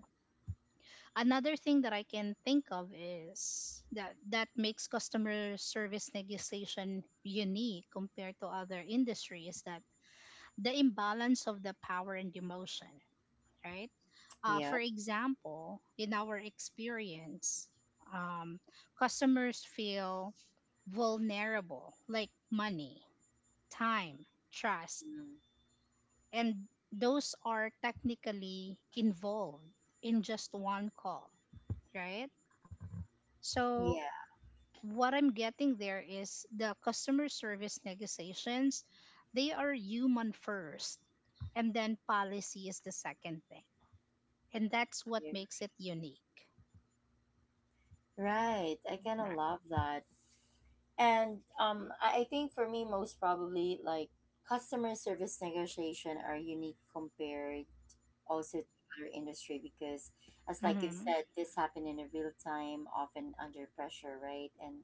[SPEAKER 2] Another thing that I can think of is that that makes customer service negotiation unique compared to other industries, that the imbalance of the power and emotion, right? Uh, for
[SPEAKER 1] Yep.
[SPEAKER 2] example, in our experience, um, customers feel vulnerable, like money, time, trust,
[SPEAKER 1] Mm.
[SPEAKER 2] and those are technically involved in just one call, right? So
[SPEAKER 1] Yeah.
[SPEAKER 2] what I'm getting there is the customer service negotiations, they are human first, and then policy is the second thing. And that's what
[SPEAKER 1] I.
[SPEAKER 2] makes it unique.
[SPEAKER 1] Right. I kind of
[SPEAKER 2] Right.
[SPEAKER 1] love that. And um, I I think for me, most probably, like customer service negotiation are unique compared also to other industry because, as like you
[SPEAKER 2] Mm-hmm.
[SPEAKER 1] said, this happened in a real time, often under pressure, right? And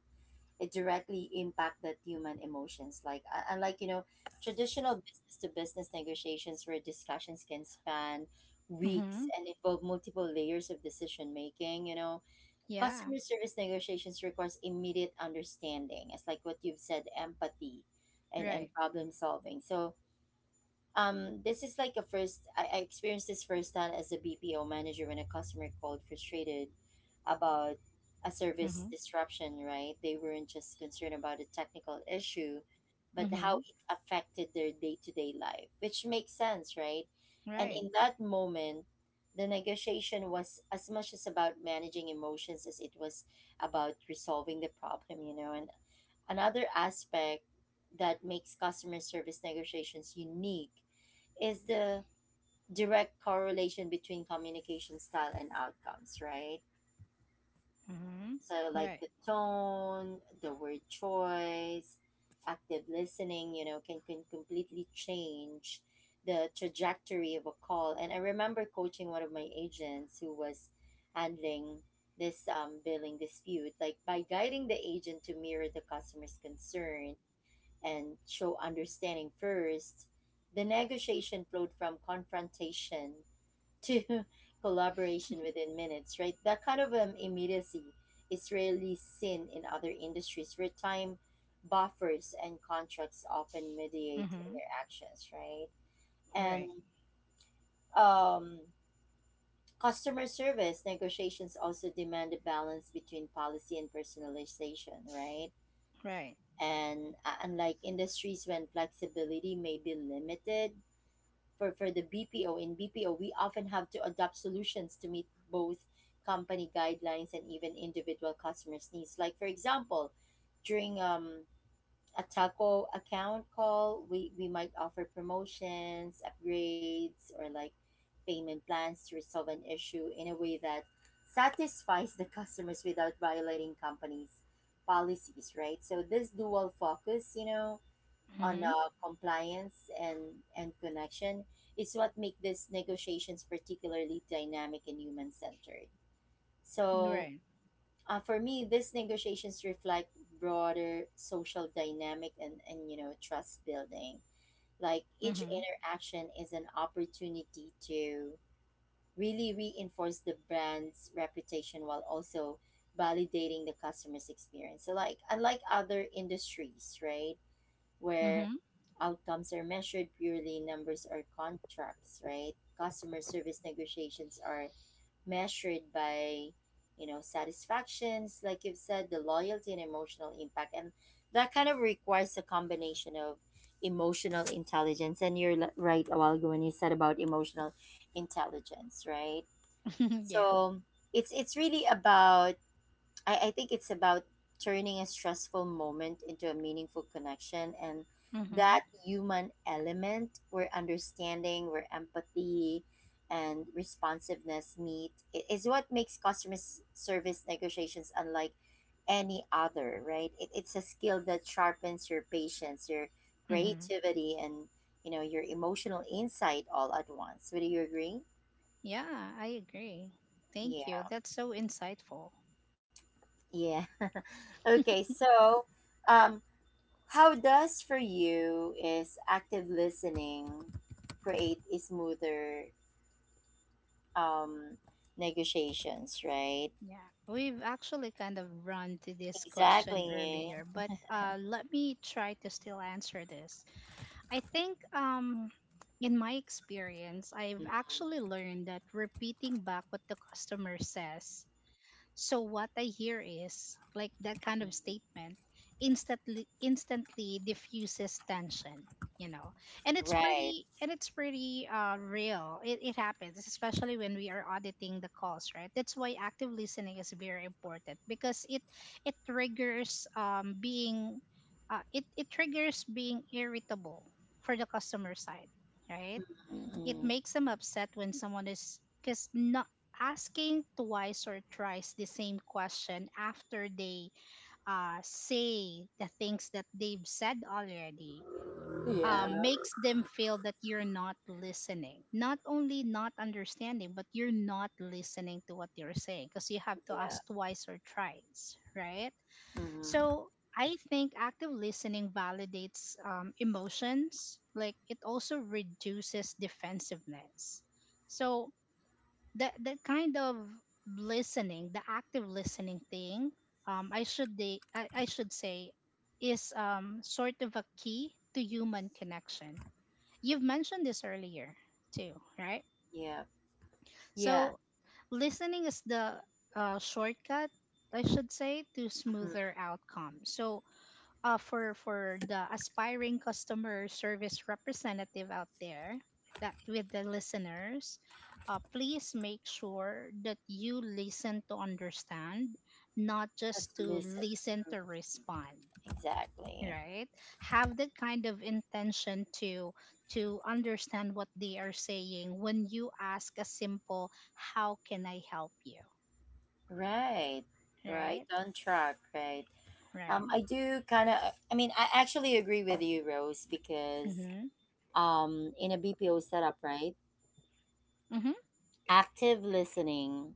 [SPEAKER 1] it directly impacted human emotions, like uh, unlike, you know, traditional business to business negotiations where discussions can span weeks
[SPEAKER 2] Mm-hmm.
[SPEAKER 1] and involve multiple layers of decision making, you know,
[SPEAKER 2] Yeah.
[SPEAKER 1] customer service negotiations requires immediate understanding. It's like what you've said, empathy and
[SPEAKER 2] Right.
[SPEAKER 1] and problem solving. So um, this is like a first, I, I experienced this firsthand as a B P O manager when a customer called frustrated about a service
[SPEAKER 2] Mm-hmm.
[SPEAKER 1] disruption, right? They weren't just concerned about a technical issue, but how
[SPEAKER 2] Mm-hmm.
[SPEAKER 1] it affected their day to day life, which makes sense, right? And
[SPEAKER 2] Right.
[SPEAKER 1] in that moment, the negotiation was as much as about managing emotions as it was about resolving the problem, you know. And another aspect that makes customer service negotiations unique is the direct correlation between communication style and outcomes, right?
[SPEAKER 2] Mm-hmm.
[SPEAKER 1] So, like
[SPEAKER 2] Right.
[SPEAKER 1] the tone, the word choice, active listening, you know, can, can completely change the trajectory of a call. And I remember coaching one of my agents who was handling this um, billing dispute, like by guiding the agent to mirror the customer's concern and show understanding first, the negotiation flowed from confrontation to <laughs> collaboration within minutes, right? That kind of um, immediacy is rarely seen in other industries where time buffers and contracts often mediate
[SPEAKER 2] Mm-hmm.
[SPEAKER 1] interactions, right? And
[SPEAKER 2] Right.
[SPEAKER 1] um, customer service negotiations also demand a balance between policy and personalization, right?
[SPEAKER 2] Right.
[SPEAKER 1] And uh, unlike industries when flexibility may be limited, for, for the B P O. In B P O, we often have to adopt solutions to meet both company guidelines and even individual customers' needs. Like, for example, during um, a taco account call, we, we might offer promotions, upgrades, or like payment plans to resolve an issue in a way that satisfies the customers without violating companies' policies, right? So, this dual focus, you know, on
[SPEAKER 2] Mm-hmm.
[SPEAKER 1] uh, compliance and, and connection is what make these negotiations particularly dynamic and human-centered. So
[SPEAKER 2] Right.
[SPEAKER 1] uh, for me, these negotiations reflect broader social dynamic and, and you know trust building. Like each
[SPEAKER 2] Mm-hmm.
[SPEAKER 1] interaction is an opportunity to really reinforce the brand's reputation while also validating the customer's experience. So like unlike other industries, right? Where
[SPEAKER 2] Mm-hmm.
[SPEAKER 1] outcomes are measured purely numbers or contracts, right? Customer service negotiations are measured by, you know, satisfactions, like you've said, the loyalty and emotional impact. And that kind of requires a combination of emotional intelligence. And you're li- right a while ago when you said about emotional intelligence, right?
[SPEAKER 2] <laughs> Yeah.
[SPEAKER 1] So it's it's really about I, I think it's about turning a stressful moment into a meaningful connection and
[SPEAKER 2] Mm-hmm.
[SPEAKER 1] that human element where understanding, where empathy and responsiveness meet i- is what makes customer s- service negotiations unlike any other, right? It, it's a skill that sharpens your patience, your
[SPEAKER 2] Mm-hmm.
[SPEAKER 1] creativity, and you know your emotional insight all at once. Would you agree?
[SPEAKER 2] Yeah, I agree. Thank you.
[SPEAKER 1] Yeah.
[SPEAKER 2] That's so insightful.
[SPEAKER 1] Yeah. <laughs> Okay, so um how does for you is active listening create a smoother um, negotiations, right?
[SPEAKER 2] Yeah, we've actually kind of run to this question
[SPEAKER 1] Exactly.
[SPEAKER 2] earlier, but uh, let me try to still answer this. I think, um, in my experience, I've
[SPEAKER 1] Mhm.
[SPEAKER 2] actually learned that repeating back what the customer says, so what I hear is like that
[SPEAKER 1] Mhm.
[SPEAKER 2] kind of statement, instantly instantly diffuses tension, you know. And it's
[SPEAKER 1] Right.
[SPEAKER 2] pretty and it's pretty uh real. It it happens, especially when we are auditing the calls, right? That's why active listening is very important because it it triggers um being uh it, it triggers being irritable for the customer side, right? It
[SPEAKER 1] Mhm.
[SPEAKER 2] makes them upset when someone is because not asking twice or thrice the same question after they uh, say the things that they've said already,
[SPEAKER 1] Yeah.
[SPEAKER 2] um, makes them feel that you're not listening. Not only not understanding, but you're not listening to what they're saying because you have to
[SPEAKER 1] Yeah.
[SPEAKER 2] ask twice or thrice, right?
[SPEAKER 1] Mhm.
[SPEAKER 2] So I think active listening validates um, emotions. Like it also reduces defensiveness. So that that kind of listening, the active listening thing, um, I should de- I, I should say, is um, sort of a key to human connection. You've mentioned this earlier too, right?
[SPEAKER 1] Yeah. Yeah.
[SPEAKER 2] So listening is the uh, shortcut, I should say, to
[SPEAKER 1] Mhm.
[SPEAKER 2] smoother outcomes. So uh, for for the aspiring customer service representative out there, that with the listeners, uh, please make sure that you listen to understand, not
[SPEAKER 1] Let's
[SPEAKER 2] just to
[SPEAKER 1] listen.
[SPEAKER 2] listen
[SPEAKER 1] Mhm.
[SPEAKER 2] to respond,
[SPEAKER 1] Exactly.
[SPEAKER 2] right? Have that kind of intention to to understand what they are saying when you ask a simple how can I help you,
[SPEAKER 1] Right. Right.
[SPEAKER 2] right?
[SPEAKER 1] On track. Right.
[SPEAKER 2] Right.
[SPEAKER 1] Um, I do kind of, I mean, I actually agree with you, Rose, because
[SPEAKER 2] Mhm.
[SPEAKER 1] um, in a B P O setup, right?
[SPEAKER 2] Mhm.
[SPEAKER 1] Active listening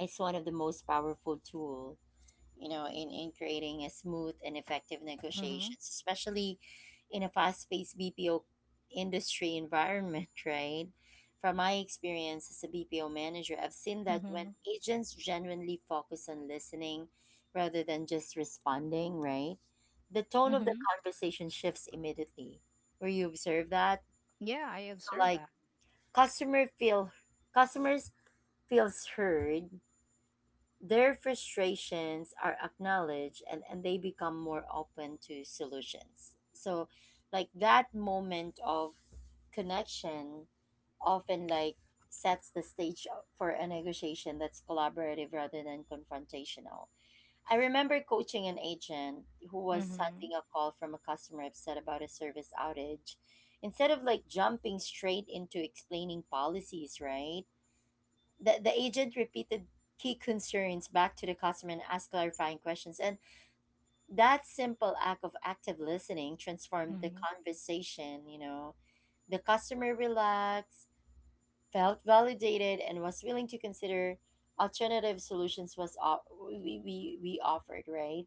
[SPEAKER 1] is one of the most powerful tool you know in, in creating a smooth and effective
[SPEAKER 2] Mhm.
[SPEAKER 1] negotiations especially in a fast-paced BPO industry environment <laughs> right from my experience as a BPO manager I've seen that when
[SPEAKER 2] Mhm.
[SPEAKER 1] agents genuinely focus on listening rather than just responding right the tone of the
[SPEAKER 2] Mhm.
[SPEAKER 1] conversation shifts immediately where you observe that
[SPEAKER 2] Yeah, I
[SPEAKER 1] so
[SPEAKER 2] observe.
[SPEAKER 1] like customer feel customers feels heard. Their frustrations are acknowledged and, and they become more open to solutions. So, like that moment of connection often like sets the stage for a negotiation that's collaborative rather than confrontational. I remember coaching an agent who was
[SPEAKER 2] Mhm.
[SPEAKER 1] sending a call from a customer upset about a service outage. Instead of like jumping straight into explaining policies, right? The, the agent repeated key concerns back to the customer and asked clarifying questions. And that simple act of active listening transformed the
[SPEAKER 2] Mhm.
[SPEAKER 1] conversation, you know. The customer relaxed, felt validated, and was willing to consider alternative solutions was o- we, we, we offered, right?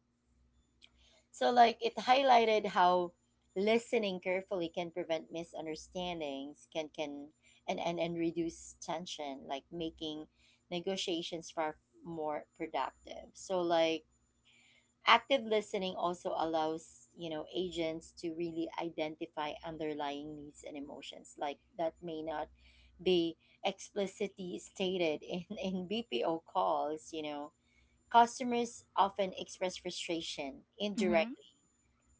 [SPEAKER 1] So, like, it highlighted how listening carefully can prevent misunderstandings, can can and and and reduce tension, like making negotiations far more productive. So, like, active listening also allows you know agents to really identify underlying needs and emotions, like that may not be explicitly stated in <laughs> in B P O calls. You know, customers often express frustration,
[SPEAKER 2] Mhm.
[SPEAKER 1] indirect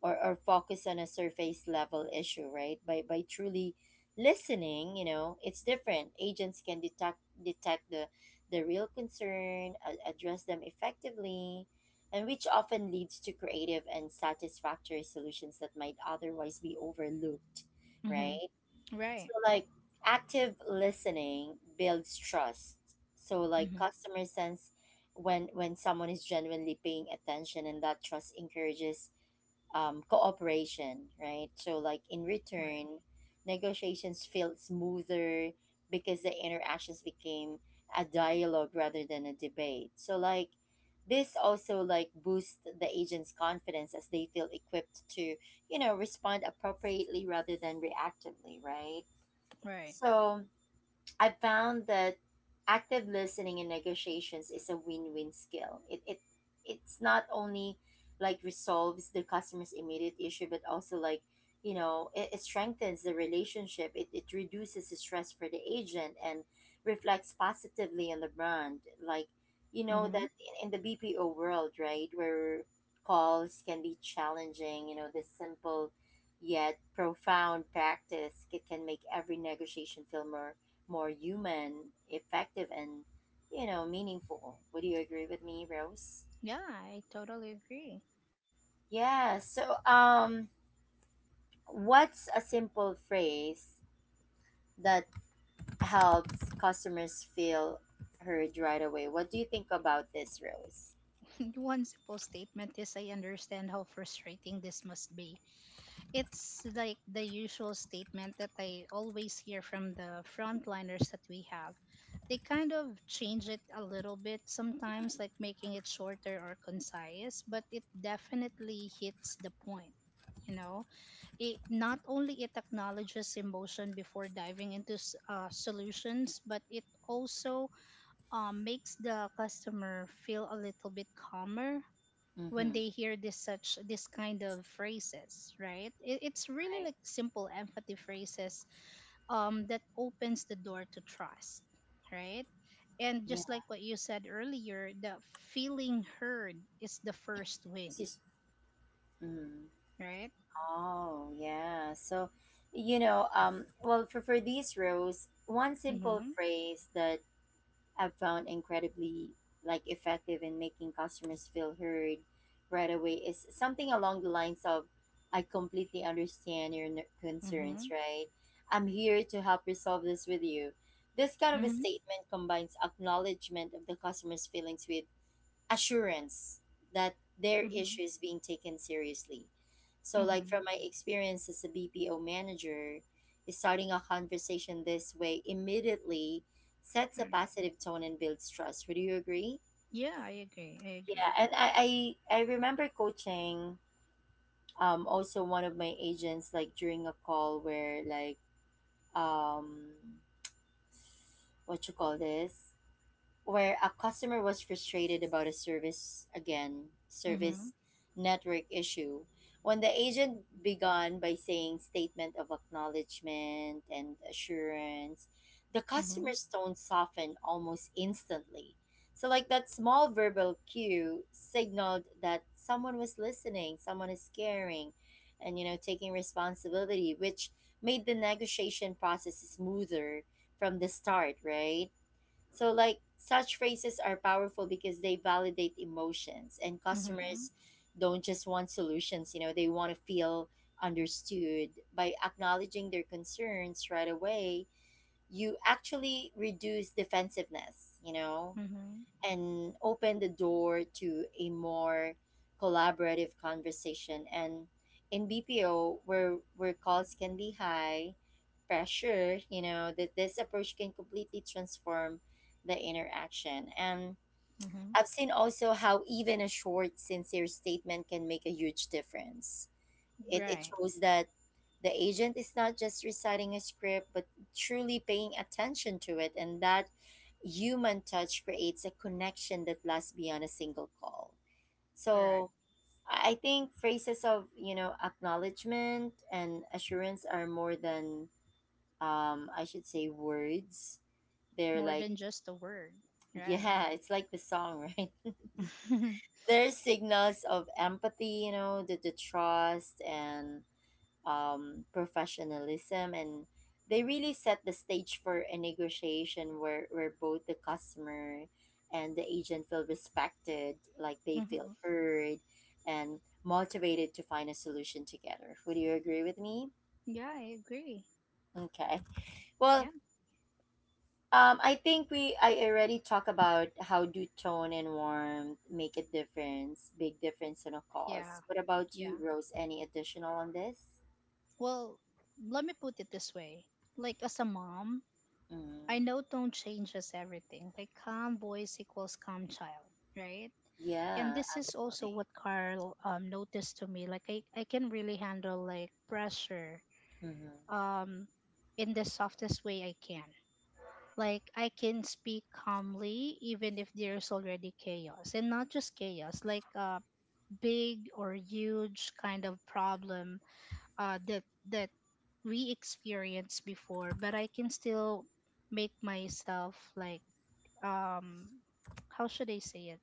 [SPEAKER 1] or, or focus on a surface level issue right by by truly listening you know it's different agents can detect detect the the real concern a- address them effectively and which often leads to creative and satisfactory solutions that might otherwise be overlooked
[SPEAKER 2] Mhm.
[SPEAKER 1] right so
[SPEAKER 2] Right.
[SPEAKER 1] like active listening builds trust so like
[SPEAKER 2] Mhm.
[SPEAKER 1] customer sense when when someone is genuinely paying attention and that trust encourages um, cooperation, right? So, like in
[SPEAKER 2] Right.
[SPEAKER 1] return, negotiations felt smoother because the interactions became a dialogue rather than a debate. So, like this also like boosts the agent's confidence as they feel equipped to, you know, respond appropriately rather than reactively, right?
[SPEAKER 2] Right.
[SPEAKER 1] So, I found that active listening in negotiations is a win-win skill. It it it's not only like resolves the customer's immediate issue, but also like you know it, it strengthens the relationship. It it reduces the stress for the agent and reflects positively on the brand. Like you know that
[SPEAKER 2] Mhm.
[SPEAKER 1] in, in the B P O world, right, where calls can be challenging. You know this simple yet profound practice ca- can make every negotiation feel more more human, effective, and you know meaningful. Would you agree with me, Rose?
[SPEAKER 2] Yeah, I totally agree.
[SPEAKER 1] Yeah. So, um, what's a simple phrase that helps customers feel heard right away? What do you think about this, Rose?
[SPEAKER 2] <laughs> One simple statement is I understand how frustrating this must be. It's like the usual statement that I always hear from the frontliners that we have. They kind of change it a little bit sometimes, like making it shorter or concise, but it definitely hits the point, you know? It not only it acknowledges emotion before diving into s- uh, solutions, but it also uh makes the customer feel a little bit calmer when
[SPEAKER 1] Mm-hmm.
[SPEAKER 2] they hear this such this kind of phrases, right? It, it's really
[SPEAKER 1] Right.
[SPEAKER 2] like simple empathy phrases um, that opens the door to trust, right? And
[SPEAKER 1] Yeah.
[SPEAKER 2] just like what you said earlier, the feeling heard is the first
[SPEAKER 1] It's
[SPEAKER 2] win,
[SPEAKER 1] just. Mm.
[SPEAKER 2] right?
[SPEAKER 1] Oh, yeah. So, you know, um, well, for for these rows, one simple
[SPEAKER 2] Mm-hmm.
[SPEAKER 1] phrase that I've found incredibly like effective in making customers feel heard right away is something along the lines of I completely understand your n- concerns,
[SPEAKER 2] Mm-hmm.
[SPEAKER 1] right? I'm here to help resolve this with you. This kind of a
[SPEAKER 2] Mm-hmm.
[SPEAKER 1] statement combines acknowledgement of the customer's feelings with assurance that their
[SPEAKER 2] Mm-hmm.
[SPEAKER 1] issue is being taken seriously. So, like from
[SPEAKER 2] Mm-hmm.
[SPEAKER 1] my experience as a B P O manager, starting a conversation this way immediately sets a
[SPEAKER 2] Right.
[SPEAKER 1] positive tone and builds trust. Would you agree?
[SPEAKER 2] Yeah, I agree. I
[SPEAKER 1] Yeah,
[SPEAKER 2] agree.
[SPEAKER 1] and I I, I remember coaching um also one of my agents like during a call where like um what you call this where a customer was frustrated about a service again
[SPEAKER 2] Mm-hmm.
[SPEAKER 1] service network issue when the agent began by saying statement of acknowledgement and assurance the
[SPEAKER 2] Mm-hmm.
[SPEAKER 1] customer's tone softened almost instantly so like that small verbal cue signaled that someone was listening someone is caring and you know taking responsibility which made the negotiation process smoother from the start right so, like, such phrases are powerful because they validate emotions, and
[SPEAKER 2] Mm-hmm.
[SPEAKER 1] customers don't just want solutions, you know, they want to feel understood. By acknowledging their concerns right away, you actually reduce defensiveness, you know,
[SPEAKER 2] Mm-hmm.
[SPEAKER 1] and open the door to a more collaborative conversation. And in B P O, where where calls can be high pressure, you know, that this approach can completely transform the interaction. And
[SPEAKER 2] Mm-hmm.
[SPEAKER 1] I've seen also how even a short, sincere statement can make a huge difference. It, it
[SPEAKER 2] Right.
[SPEAKER 1] shows that the agent is not just reciting a script, but truly paying attention to it, and that human touch creates a connection that lasts beyond a single call.
[SPEAKER 2] Correct.
[SPEAKER 1] So I I think phrases of you know acknowledgement and assurance are more than um, I should say words. They're
[SPEAKER 2] More
[SPEAKER 1] like
[SPEAKER 2] than just a word.
[SPEAKER 1] <laughs>
[SPEAKER 2] Right.
[SPEAKER 1] yeah, it's like the song, <laughs> right?
[SPEAKER 2] <laughs>
[SPEAKER 1] They're signals of empathy, you know, the, the trust and um, professionalism and they really set the stage for a negotiation where, where both the customer and the agent feel respected like they feel
[SPEAKER 2] Mm-hmm.
[SPEAKER 1] heard and motivated to find a solution together would you agree with me
[SPEAKER 2] Yeah, I agree.
[SPEAKER 1] okay
[SPEAKER 2] Yeah.
[SPEAKER 1] well um, I think we I already talked about how do tone and warmth make a difference, big difference in a
[SPEAKER 2] Yeah.
[SPEAKER 1] cause. What about you,
[SPEAKER 2] Yeah.
[SPEAKER 1] Rose? Any additional on this?
[SPEAKER 2] Well, let me put it this way. Like as a mom, I
[SPEAKER 1] Mm,
[SPEAKER 2] know tone changes everything. Like calm voice equals calm child, right? And
[SPEAKER 1] yeah,
[SPEAKER 2] this is also
[SPEAKER 1] absolutely.
[SPEAKER 2] what Carl um noticed to me. Like I, I can really handle like pressure,
[SPEAKER 1] Mm-hmm.
[SPEAKER 2] um, in the softest way I can. Like I can speak calmly even if there's already chaos, and not just chaos, like a big or huge kind of problem uh, that that we experienced before. But I can still make myself like, um, how should I say it?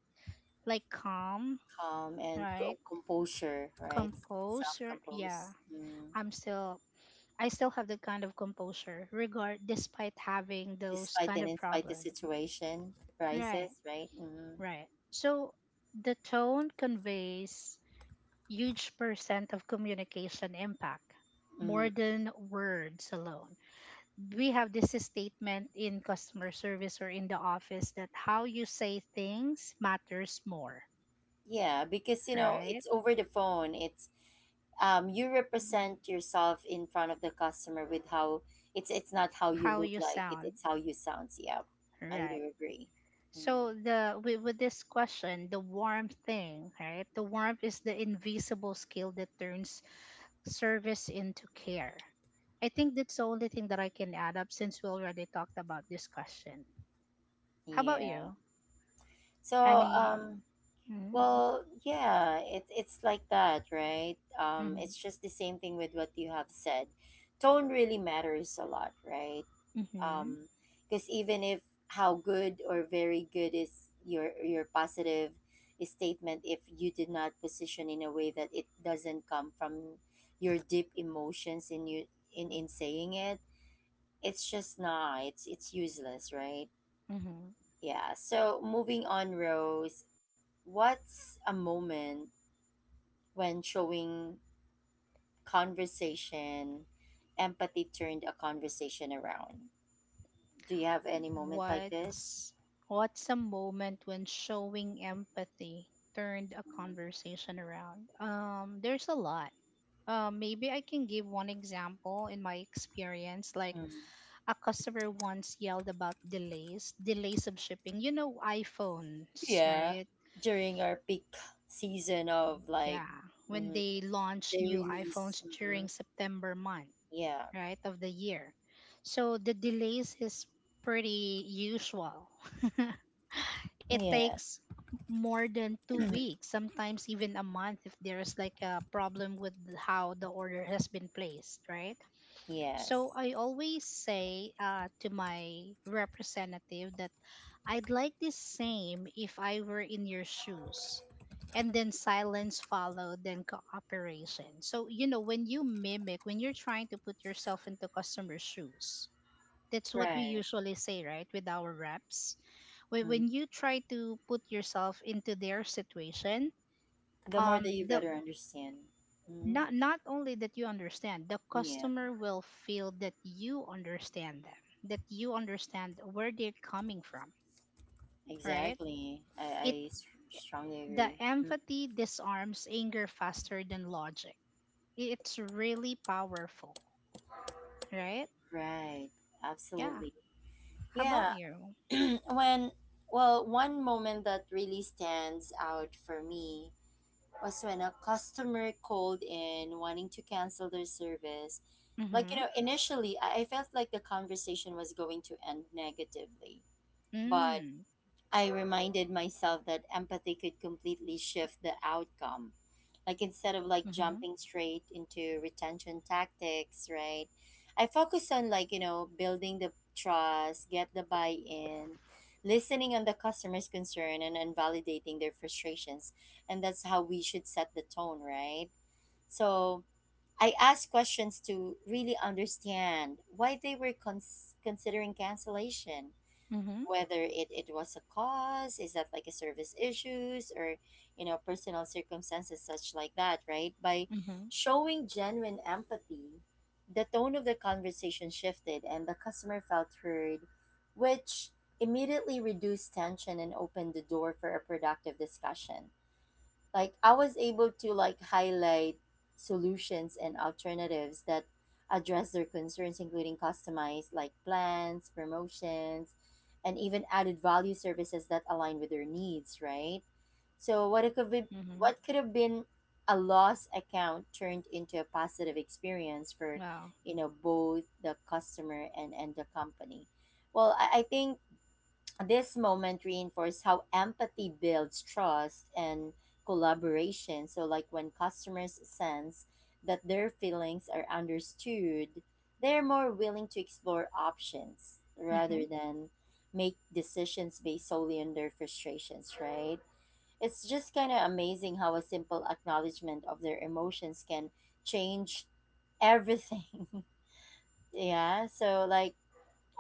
[SPEAKER 2] Like calm,
[SPEAKER 1] um, and
[SPEAKER 2] right?
[SPEAKER 1] co- composure, right?
[SPEAKER 2] Compose,
[SPEAKER 1] Self
[SPEAKER 2] or yeah.
[SPEAKER 1] compose, mm.
[SPEAKER 2] I'm still I still have that kind of composure, regard despite having those
[SPEAKER 1] Despite
[SPEAKER 2] kind
[SPEAKER 1] and
[SPEAKER 2] of
[SPEAKER 1] in spite the
[SPEAKER 2] problem.
[SPEAKER 1] situation
[SPEAKER 2] Right,
[SPEAKER 1] rises, right? Mm.
[SPEAKER 2] right. So the tone conveys huge percent of communication impact, more
[SPEAKER 1] Mm.
[SPEAKER 2] than words alone. We have this statement in customer service or in the office that how you say things matters more,
[SPEAKER 1] Yeah, because you know
[SPEAKER 2] right?
[SPEAKER 1] it's over the phone. It's um, you represent yourself in front of the customer with how it's it's not how you
[SPEAKER 2] How
[SPEAKER 1] look
[SPEAKER 2] you
[SPEAKER 1] like it,
[SPEAKER 2] sound,
[SPEAKER 1] it's how you sounds. Yeah, I
[SPEAKER 2] right?
[SPEAKER 1] do agree. Mm.
[SPEAKER 2] So the with, with this question, the warmth thing, right? The warmth is the invisible skill that turns service into care. I think that's the only thing that I can add up since we already talked about this question. How about
[SPEAKER 1] Yeah.
[SPEAKER 2] you?
[SPEAKER 1] So
[SPEAKER 2] Any?
[SPEAKER 1] um,
[SPEAKER 2] Mm-hmm.
[SPEAKER 1] well, yeah, it, it's like that, right? Um,
[SPEAKER 2] Mm-hmm.
[SPEAKER 1] it's just the same thing with what you have said. Tone really matters a lot, right?
[SPEAKER 2] Mm-hmm.
[SPEAKER 1] Um, because even if how good or very good is your your positive statement, if you did not position in a way that it doesn't come from your deep emotions in you in in saying it, it's just not. It's it's useless, right?
[SPEAKER 2] Mm-hmm.
[SPEAKER 1] Yeah. So moving on, Rose. What's a moment? When showing conversation, empathy turned a conversation around. Do you have any moment like this?
[SPEAKER 2] What's What's a moment when showing empathy turned a conversation around? Um, there's a lot. Uh, maybe I can give one example in my experience. Like
[SPEAKER 1] Mhm.
[SPEAKER 2] a customer once yelled about delays, delays of shipping. You know, iPhones,
[SPEAKER 1] Yeah,
[SPEAKER 2] right?
[SPEAKER 1] during our peak season of like
[SPEAKER 2] Yeah. When
[SPEAKER 1] mhm,
[SPEAKER 2] they launch
[SPEAKER 1] they
[SPEAKER 2] new
[SPEAKER 1] release.
[SPEAKER 2] iPhones
[SPEAKER 1] Hmm.
[SPEAKER 2] during September month,
[SPEAKER 1] Yeah,
[SPEAKER 2] right, of the year. So the delays is pretty usual. <laughs> It
[SPEAKER 1] yeah,
[SPEAKER 2] takes more than two
[SPEAKER 1] <clears throat>
[SPEAKER 2] weeks, sometimes even a month if there's like a problem with how the order has been placed, right? So
[SPEAKER 1] yes,
[SPEAKER 2] I always say uh, to my representative that I'd like the same if I were in your shoes. And then silence followed, then cooperation. So, you know, when you mimic, when you're trying to put yourself into customer shoes, that's what we
[SPEAKER 1] right.
[SPEAKER 2] usually say, right, with our reps. When,
[SPEAKER 1] Mhm.
[SPEAKER 2] when you try to put yourself into their situation,
[SPEAKER 1] The more that
[SPEAKER 2] um,
[SPEAKER 1] you
[SPEAKER 2] the,
[SPEAKER 1] better understand. Hmm.
[SPEAKER 2] not not only that you understand, the
[SPEAKER 1] Yeah,
[SPEAKER 2] customer will feel that you understand them, that you understand where they're coming from, right?
[SPEAKER 1] exactly. I,
[SPEAKER 2] it
[SPEAKER 1] I s- strongly
[SPEAKER 2] The
[SPEAKER 1] agree. Mhm.
[SPEAKER 2] empathy disarms anger faster than logic. It's really powerful, right?
[SPEAKER 1] Right,
[SPEAKER 2] Yeah.
[SPEAKER 1] absolutely.
[SPEAKER 2] How about
[SPEAKER 1] Yeah,
[SPEAKER 2] you?
[SPEAKER 1] when, well, one moment that really stands out for me was when a customer called in wanting to cancel their service. Like, you
[SPEAKER 2] Mm-hmm.
[SPEAKER 1] know, initially I I felt like the conversation was going to end negatively, but
[SPEAKER 2] Mm.
[SPEAKER 1] I reminded myself that empathy could completely shift the outcome. Like instead of like
[SPEAKER 2] Mm-hmm.
[SPEAKER 1] jumping straight into retention tactics, right? I focus on like, you know, building the trust, get the buy-in, listening on the customer's concern and, and validating their frustrations. And that's how we should set the tone, right? So I ask questions to really understand why they were cons- considering cancellation.
[SPEAKER 2] Mm-hmm.
[SPEAKER 1] Whether it, it was a cause, is that like a service issues or, you know, personal circumstances such like that, right? By
[SPEAKER 2] Mm-hmm.
[SPEAKER 1] showing genuine empathy, the tone of the conversation shifted and the customer felt heard, which immediately reduced tension and opened the door for a productive discussion. Like I was able to like highlight solutions and alternatives that address their concerns, including customized like plans, promotions, and even added value services that align with their needs, right? So what it could be
[SPEAKER 2] Mm-hmm.
[SPEAKER 1] what could have been a loss account turned into a positive experience for,
[SPEAKER 2] Wow.
[SPEAKER 1] you know, both the customer and and the company. Well i, I think this moment reinforced how empathy builds trust and collaboration. So, like when customers sense that their feelings are understood, they're more willing to explore options rather
[SPEAKER 2] Mm-hmm.
[SPEAKER 1] than make decisions based solely on their frustrations, right? It's just kind of amazing how a simple acknowledgement of their emotions can change everything. <laughs> Yeah, so like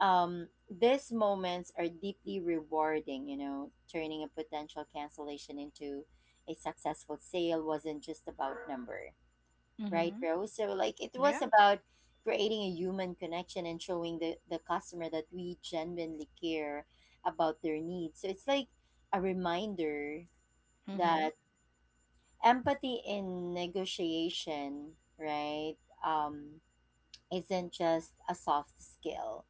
[SPEAKER 1] um, these moments are deeply rewarding. You know, turning a potential cancellation into a successful sale wasn't just about number, right,
[SPEAKER 2] Mm-hmm.
[SPEAKER 1] Rose? So, like, it was
[SPEAKER 2] Yeah.
[SPEAKER 1] about creating a human connection and showing the, the customer that we genuinely care about their needs. So, it's like a reminder
[SPEAKER 2] Mm-hmm.
[SPEAKER 1] that empathy in negotiation, right, um, isn't just a soft skill.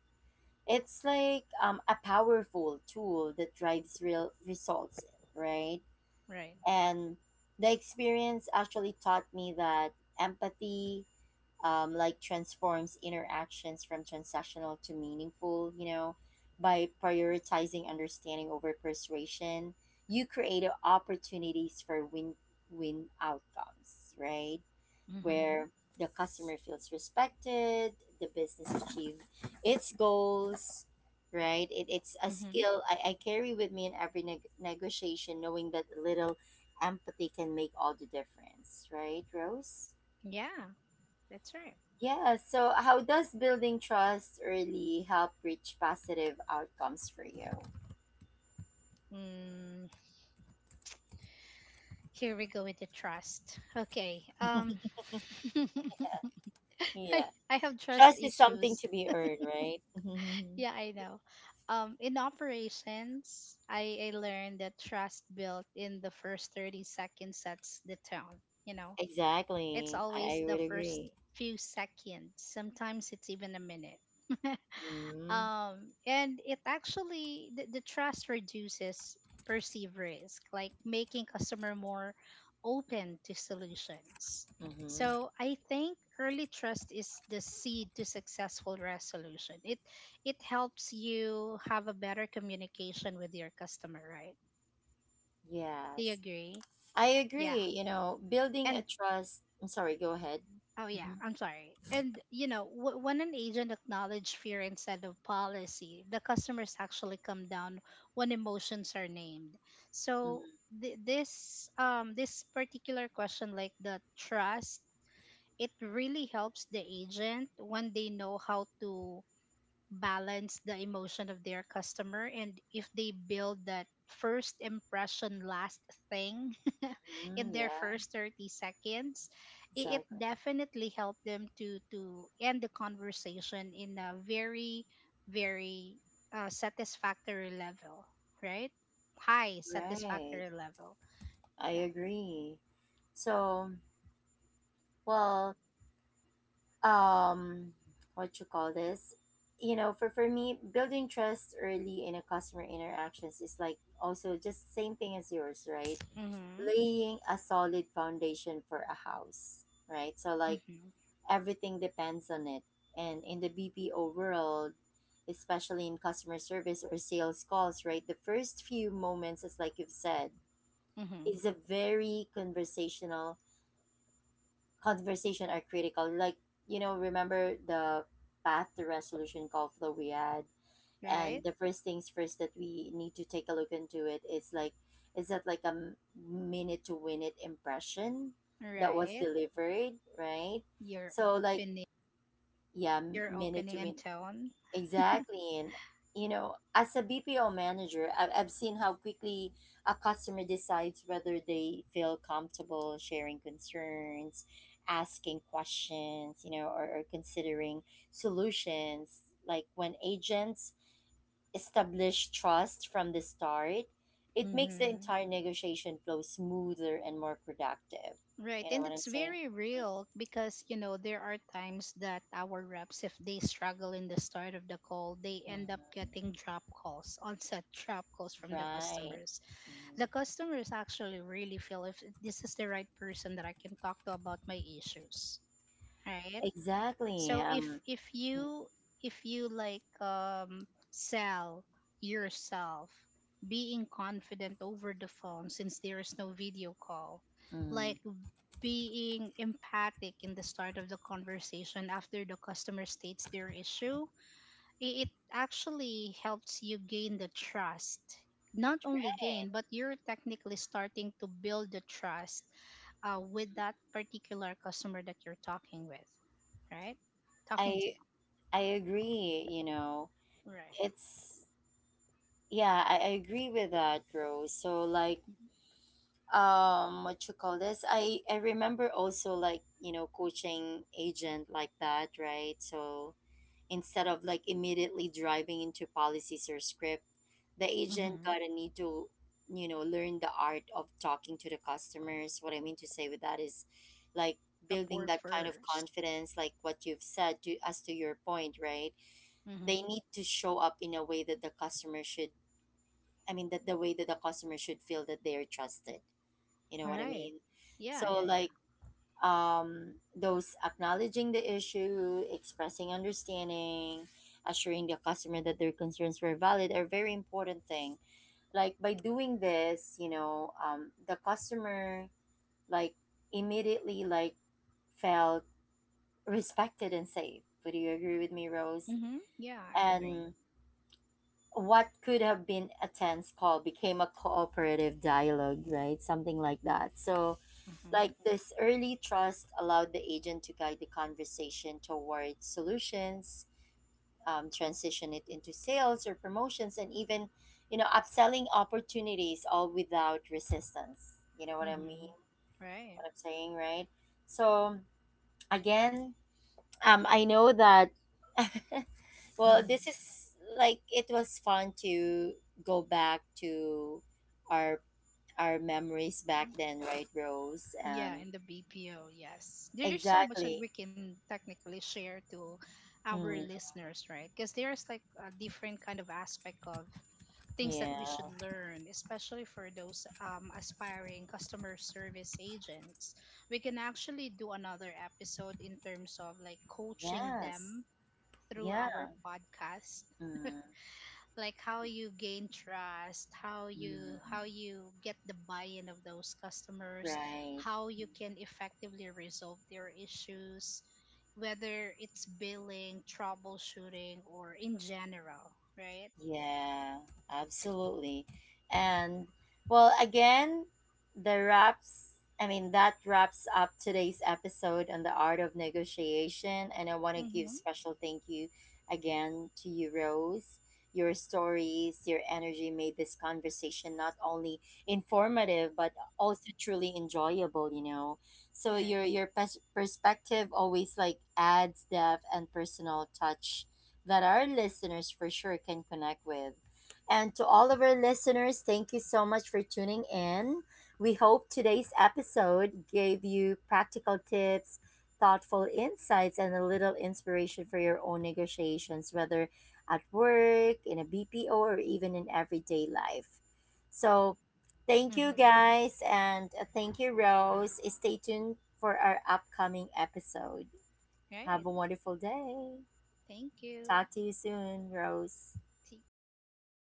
[SPEAKER 1] It's like um, a powerful tool that drives real results, right?
[SPEAKER 2] Right.
[SPEAKER 1] And the experience actually taught me that empathy um, like transforms interactions from transactional to meaningful, you know. By prioritizing understanding over persuasion, you create opportunities for win win outcomes, right?
[SPEAKER 2] Mm-hmm.
[SPEAKER 1] Where the customer feels respected, the business achieve its goals, right? It, it's a
[SPEAKER 2] Mm-hmm.
[SPEAKER 1] skill I, I carry with me in every neg- negotiation, knowing that a little empathy can make all the difference, right, Rose?
[SPEAKER 2] Yeah, that's right.
[SPEAKER 1] Yeah, so how does building trust early help reach positive outcomes for you?
[SPEAKER 2] Mm. Here we go with the trust. Okay. Um <laughs> I
[SPEAKER 1] Yeah,
[SPEAKER 2] I have trust
[SPEAKER 1] trust is something
[SPEAKER 2] issues.
[SPEAKER 1] to be earned, right? <laughs>
[SPEAKER 2] Yeah, I know. Um in operations, I I learned that trust built in the first thirty seconds sets the tone, you know. It's
[SPEAKER 1] Exactly. I,
[SPEAKER 2] always
[SPEAKER 1] I
[SPEAKER 2] the
[SPEAKER 1] would
[SPEAKER 2] first
[SPEAKER 1] agree.
[SPEAKER 2] few seconds. Sometimes it's even a minute. <laughs>
[SPEAKER 1] Mm-hmm.
[SPEAKER 2] um and it actually the, the trust reduces perceived risk, like making customer more open to solutions.
[SPEAKER 1] Mm-hmm.
[SPEAKER 2] So I think early trust is the seed to successful resolution. It it helps you have a better communication with your customer, right? Do you
[SPEAKER 1] Yes.
[SPEAKER 2] agree?
[SPEAKER 1] I
[SPEAKER 2] Yeah.
[SPEAKER 1] agree. You know, building a
[SPEAKER 2] And
[SPEAKER 1] trust. I'm sorry. Go ahead.
[SPEAKER 2] oh yeah,
[SPEAKER 1] Hmm.
[SPEAKER 2] I'm sorry. And you know, w- when an agent acknowledges fear instead of policy, the customers actually come down when emotions are named. So th- this um this particular question, like the trust, it really helps the agent when they know how to balance the emotion of their customer, and if they build that first impression last thing <laughs> in
[SPEAKER 1] Hmm.
[SPEAKER 2] their
[SPEAKER 1] Yeah,
[SPEAKER 2] first thirty seconds, it, it
[SPEAKER 1] exactly.
[SPEAKER 2] definitely helped them to to end the conversation in a very very uh, satisfactory level, right? High
[SPEAKER 1] Right.
[SPEAKER 2] satisfactory level.
[SPEAKER 1] I
[SPEAKER 2] Yeah.
[SPEAKER 1] agree. So, well, um, what you call this? You know, for for me, building trust early in a customer interactions is like also just same thing as yours, right?
[SPEAKER 2] Mhm.
[SPEAKER 1] Laying a solid foundation for a house, right? So like
[SPEAKER 2] Mhm.
[SPEAKER 1] everything depends on it. And in the B P O world, especially in customer service or sales calls, right, the first few moments, as like you've said,
[SPEAKER 2] Mhm.
[SPEAKER 1] is a very conversational. Conversation are critical. Like, you know, remember the path to resolution call flow we had? And
[SPEAKER 2] Right.
[SPEAKER 1] the first things first that we need to take a look into it is like, is that like a m- minute to win it impression that was
[SPEAKER 2] Right.
[SPEAKER 1] delivered, right?
[SPEAKER 2] your
[SPEAKER 1] So, like,
[SPEAKER 2] opening
[SPEAKER 1] yeah,
[SPEAKER 2] Your
[SPEAKER 1] minute
[SPEAKER 2] opening
[SPEAKER 1] to
[SPEAKER 2] and
[SPEAKER 1] minute.
[SPEAKER 2] tone.
[SPEAKER 1] Exactly. And, you know, as a B P O manager, I've, I've seen how quickly a customer decides whether they feel comfortable sharing concerns, asking questions, you know, or, or considering solutions. Like when agents establish trust from the start, it makes the
[SPEAKER 2] Mhm.
[SPEAKER 1] entire negotiation flow smoother and more productive.
[SPEAKER 2] Right,
[SPEAKER 1] You know
[SPEAKER 2] and
[SPEAKER 1] what I'm
[SPEAKER 2] it's
[SPEAKER 1] saying?
[SPEAKER 2] very real because you know there are times that our reps, if they struggle in the start of the call, they end up
[SPEAKER 1] Mhm.
[SPEAKER 2] getting drop calls, onset drop calls from the
[SPEAKER 1] Right.
[SPEAKER 2] customers.
[SPEAKER 1] Mhm.
[SPEAKER 2] The customers actually really feel if this is the right person that I can talk to about my issues, right?
[SPEAKER 1] Exactly.
[SPEAKER 2] So if
[SPEAKER 1] Um,
[SPEAKER 2] if
[SPEAKER 1] mm,
[SPEAKER 2] you if you like um, sell yourself being confident over the phone, since there is no video call,
[SPEAKER 1] mm,
[SPEAKER 2] like being empathic in the start of the conversation after the customer states their issue, i- it actually helps you gain the trust. Not only
[SPEAKER 1] right.
[SPEAKER 2] gain, but you're technically starting to build the trust uh, with that particular customer that you're talking with, right? Talking to,
[SPEAKER 1] I I agree, you know.
[SPEAKER 2] right?
[SPEAKER 1] It's yeah, I, I agree with that, Rose. So like um what you call this? I I remember also like, you know, coaching agent like that, right? So instead of like immediately driving into policies or script, the agent
[SPEAKER 2] Mm-hmm.
[SPEAKER 1] gotta need to, you know, learn the art of talking to the customers. What I mean to say with that is like building
[SPEAKER 2] Rapport
[SPEAKER 1] that kind of
[SPEAKER 2] first.
[SPEAKER 1] confidence, like what you've said to as to your point, right? They
[SPEAKER 2] Mm-hmm.
[SPEAKER 1] need to show up in a way that the customer should I mean that the way that the customer should feel that they are trusted. You know what I
[SPEAKER 2] Right.
[SPEAKER 1] mean?
[SPEAKER 2] Yeah,
[SPEAKER 1] So
[SPEAKER 2] yeah, yeah.
[SPEAKER 1] like um, those acknowledging the issue, expressing understanding, assuring the customer that their concerns were valid are very important thing. Like by doing this, you know, um, the customer like immediately like felt respected and safe. Would you agree with me, Rose?
[SPEAKER 2] Mm-hmm. Yeah, I agree.
[SPEAKER 1] And what could have been a tense call became a cooperative dialogue, right? Something like that. So
[SPEAKER 2] Mm-hmm.
[SPEAKER 1] like this early trust allowed the agent to guide the conversation towards solutions, um, transition it into sales or promotions, and even, you know, upselling opportunities all without resistance. You know what I
[SPEAKER 2] Mm-hmm.
[SPEAKER 1] mean? What
[SPEAKER 2] Right.
[SPEAKER 1] I'm saying, right? So again, um, I know that. <laughs> Well, this
[SPEAKER 2] <laughs>
[SPEAKER 1] is like it was fun to go back to our our memories back
[SPEAKER 2] Mm-hmm.
[SPEAKER 1] then, right, Rose?
[SPEAKER 2] Yeah,
[SPEAKER 1] And
[SPEAKER 2] in the B P O, yes. There's so much that
[SPEAKER 1] exactly.
[SPEAKER 2] we can technically share to our
[SPEAKER 1] Mm,
[SPEAKER 2] listeners, right? Because there's like a different kind of aspect of things that we
[SPEAKER 1] yeah.
[SPEAKER 2] should learn, especially for those um, aspiring customer service agents. We can actually do another episode in terms of like coaching
[SPEAKER 1] Yes.
[SPEAKER 2] them through
[SPEAKER 1] Yeah.
[SPEAKER 2] our podcast,
[SPEAKER 1] Mm,
[SPEAKER 2] like how you gain trust, how you how
[SPEAKER 1] mm,
[SPEAKER 2] you get the buy-in of those customers,
[SPEAKER 1] right.
[SPEAKER 2] how you can effectively resolve their issues, whether it's billing, troubleshooting, or in general, right?
[SPEAKER 1] Yeah, absolutely. And well, again, the wraps, I mean, that wraps up today's episode on the art of negotiation. And I want to give
[SPEAKER 2] Mm-hmm.
[SPEAKER 1] special thank you again to you, Rose. Your stories, your energy made this conversation not only informative but also truly enjoyable, you know. So
[SPEAKER 2] Right.
[SPEAKER 1] your your pers- perspective always like adds depth and personal touch that our listeners for sure can connect with. And to all of our listeners, thank you so much for tuning in. We hope today's episode gave you practical tips, thoughtful insights, and a little inspiration for your own negotiations, whether at work, in a B P O, or even in everyday life. So, thank you
[SPEAKER 2] Mm-hmm.
[SPEAKER 1] guys, and uh, thank you, Rose. Stay tuned for our upcoming episode. Have
[SPEAKER 2] Right.
[SPEAKER 1] a wonderful day.
[SPEAKER 2] Thank you.
[SPEAKER 1] Talk to you soon, Rose.
[SPEAKER 2] T- yeah.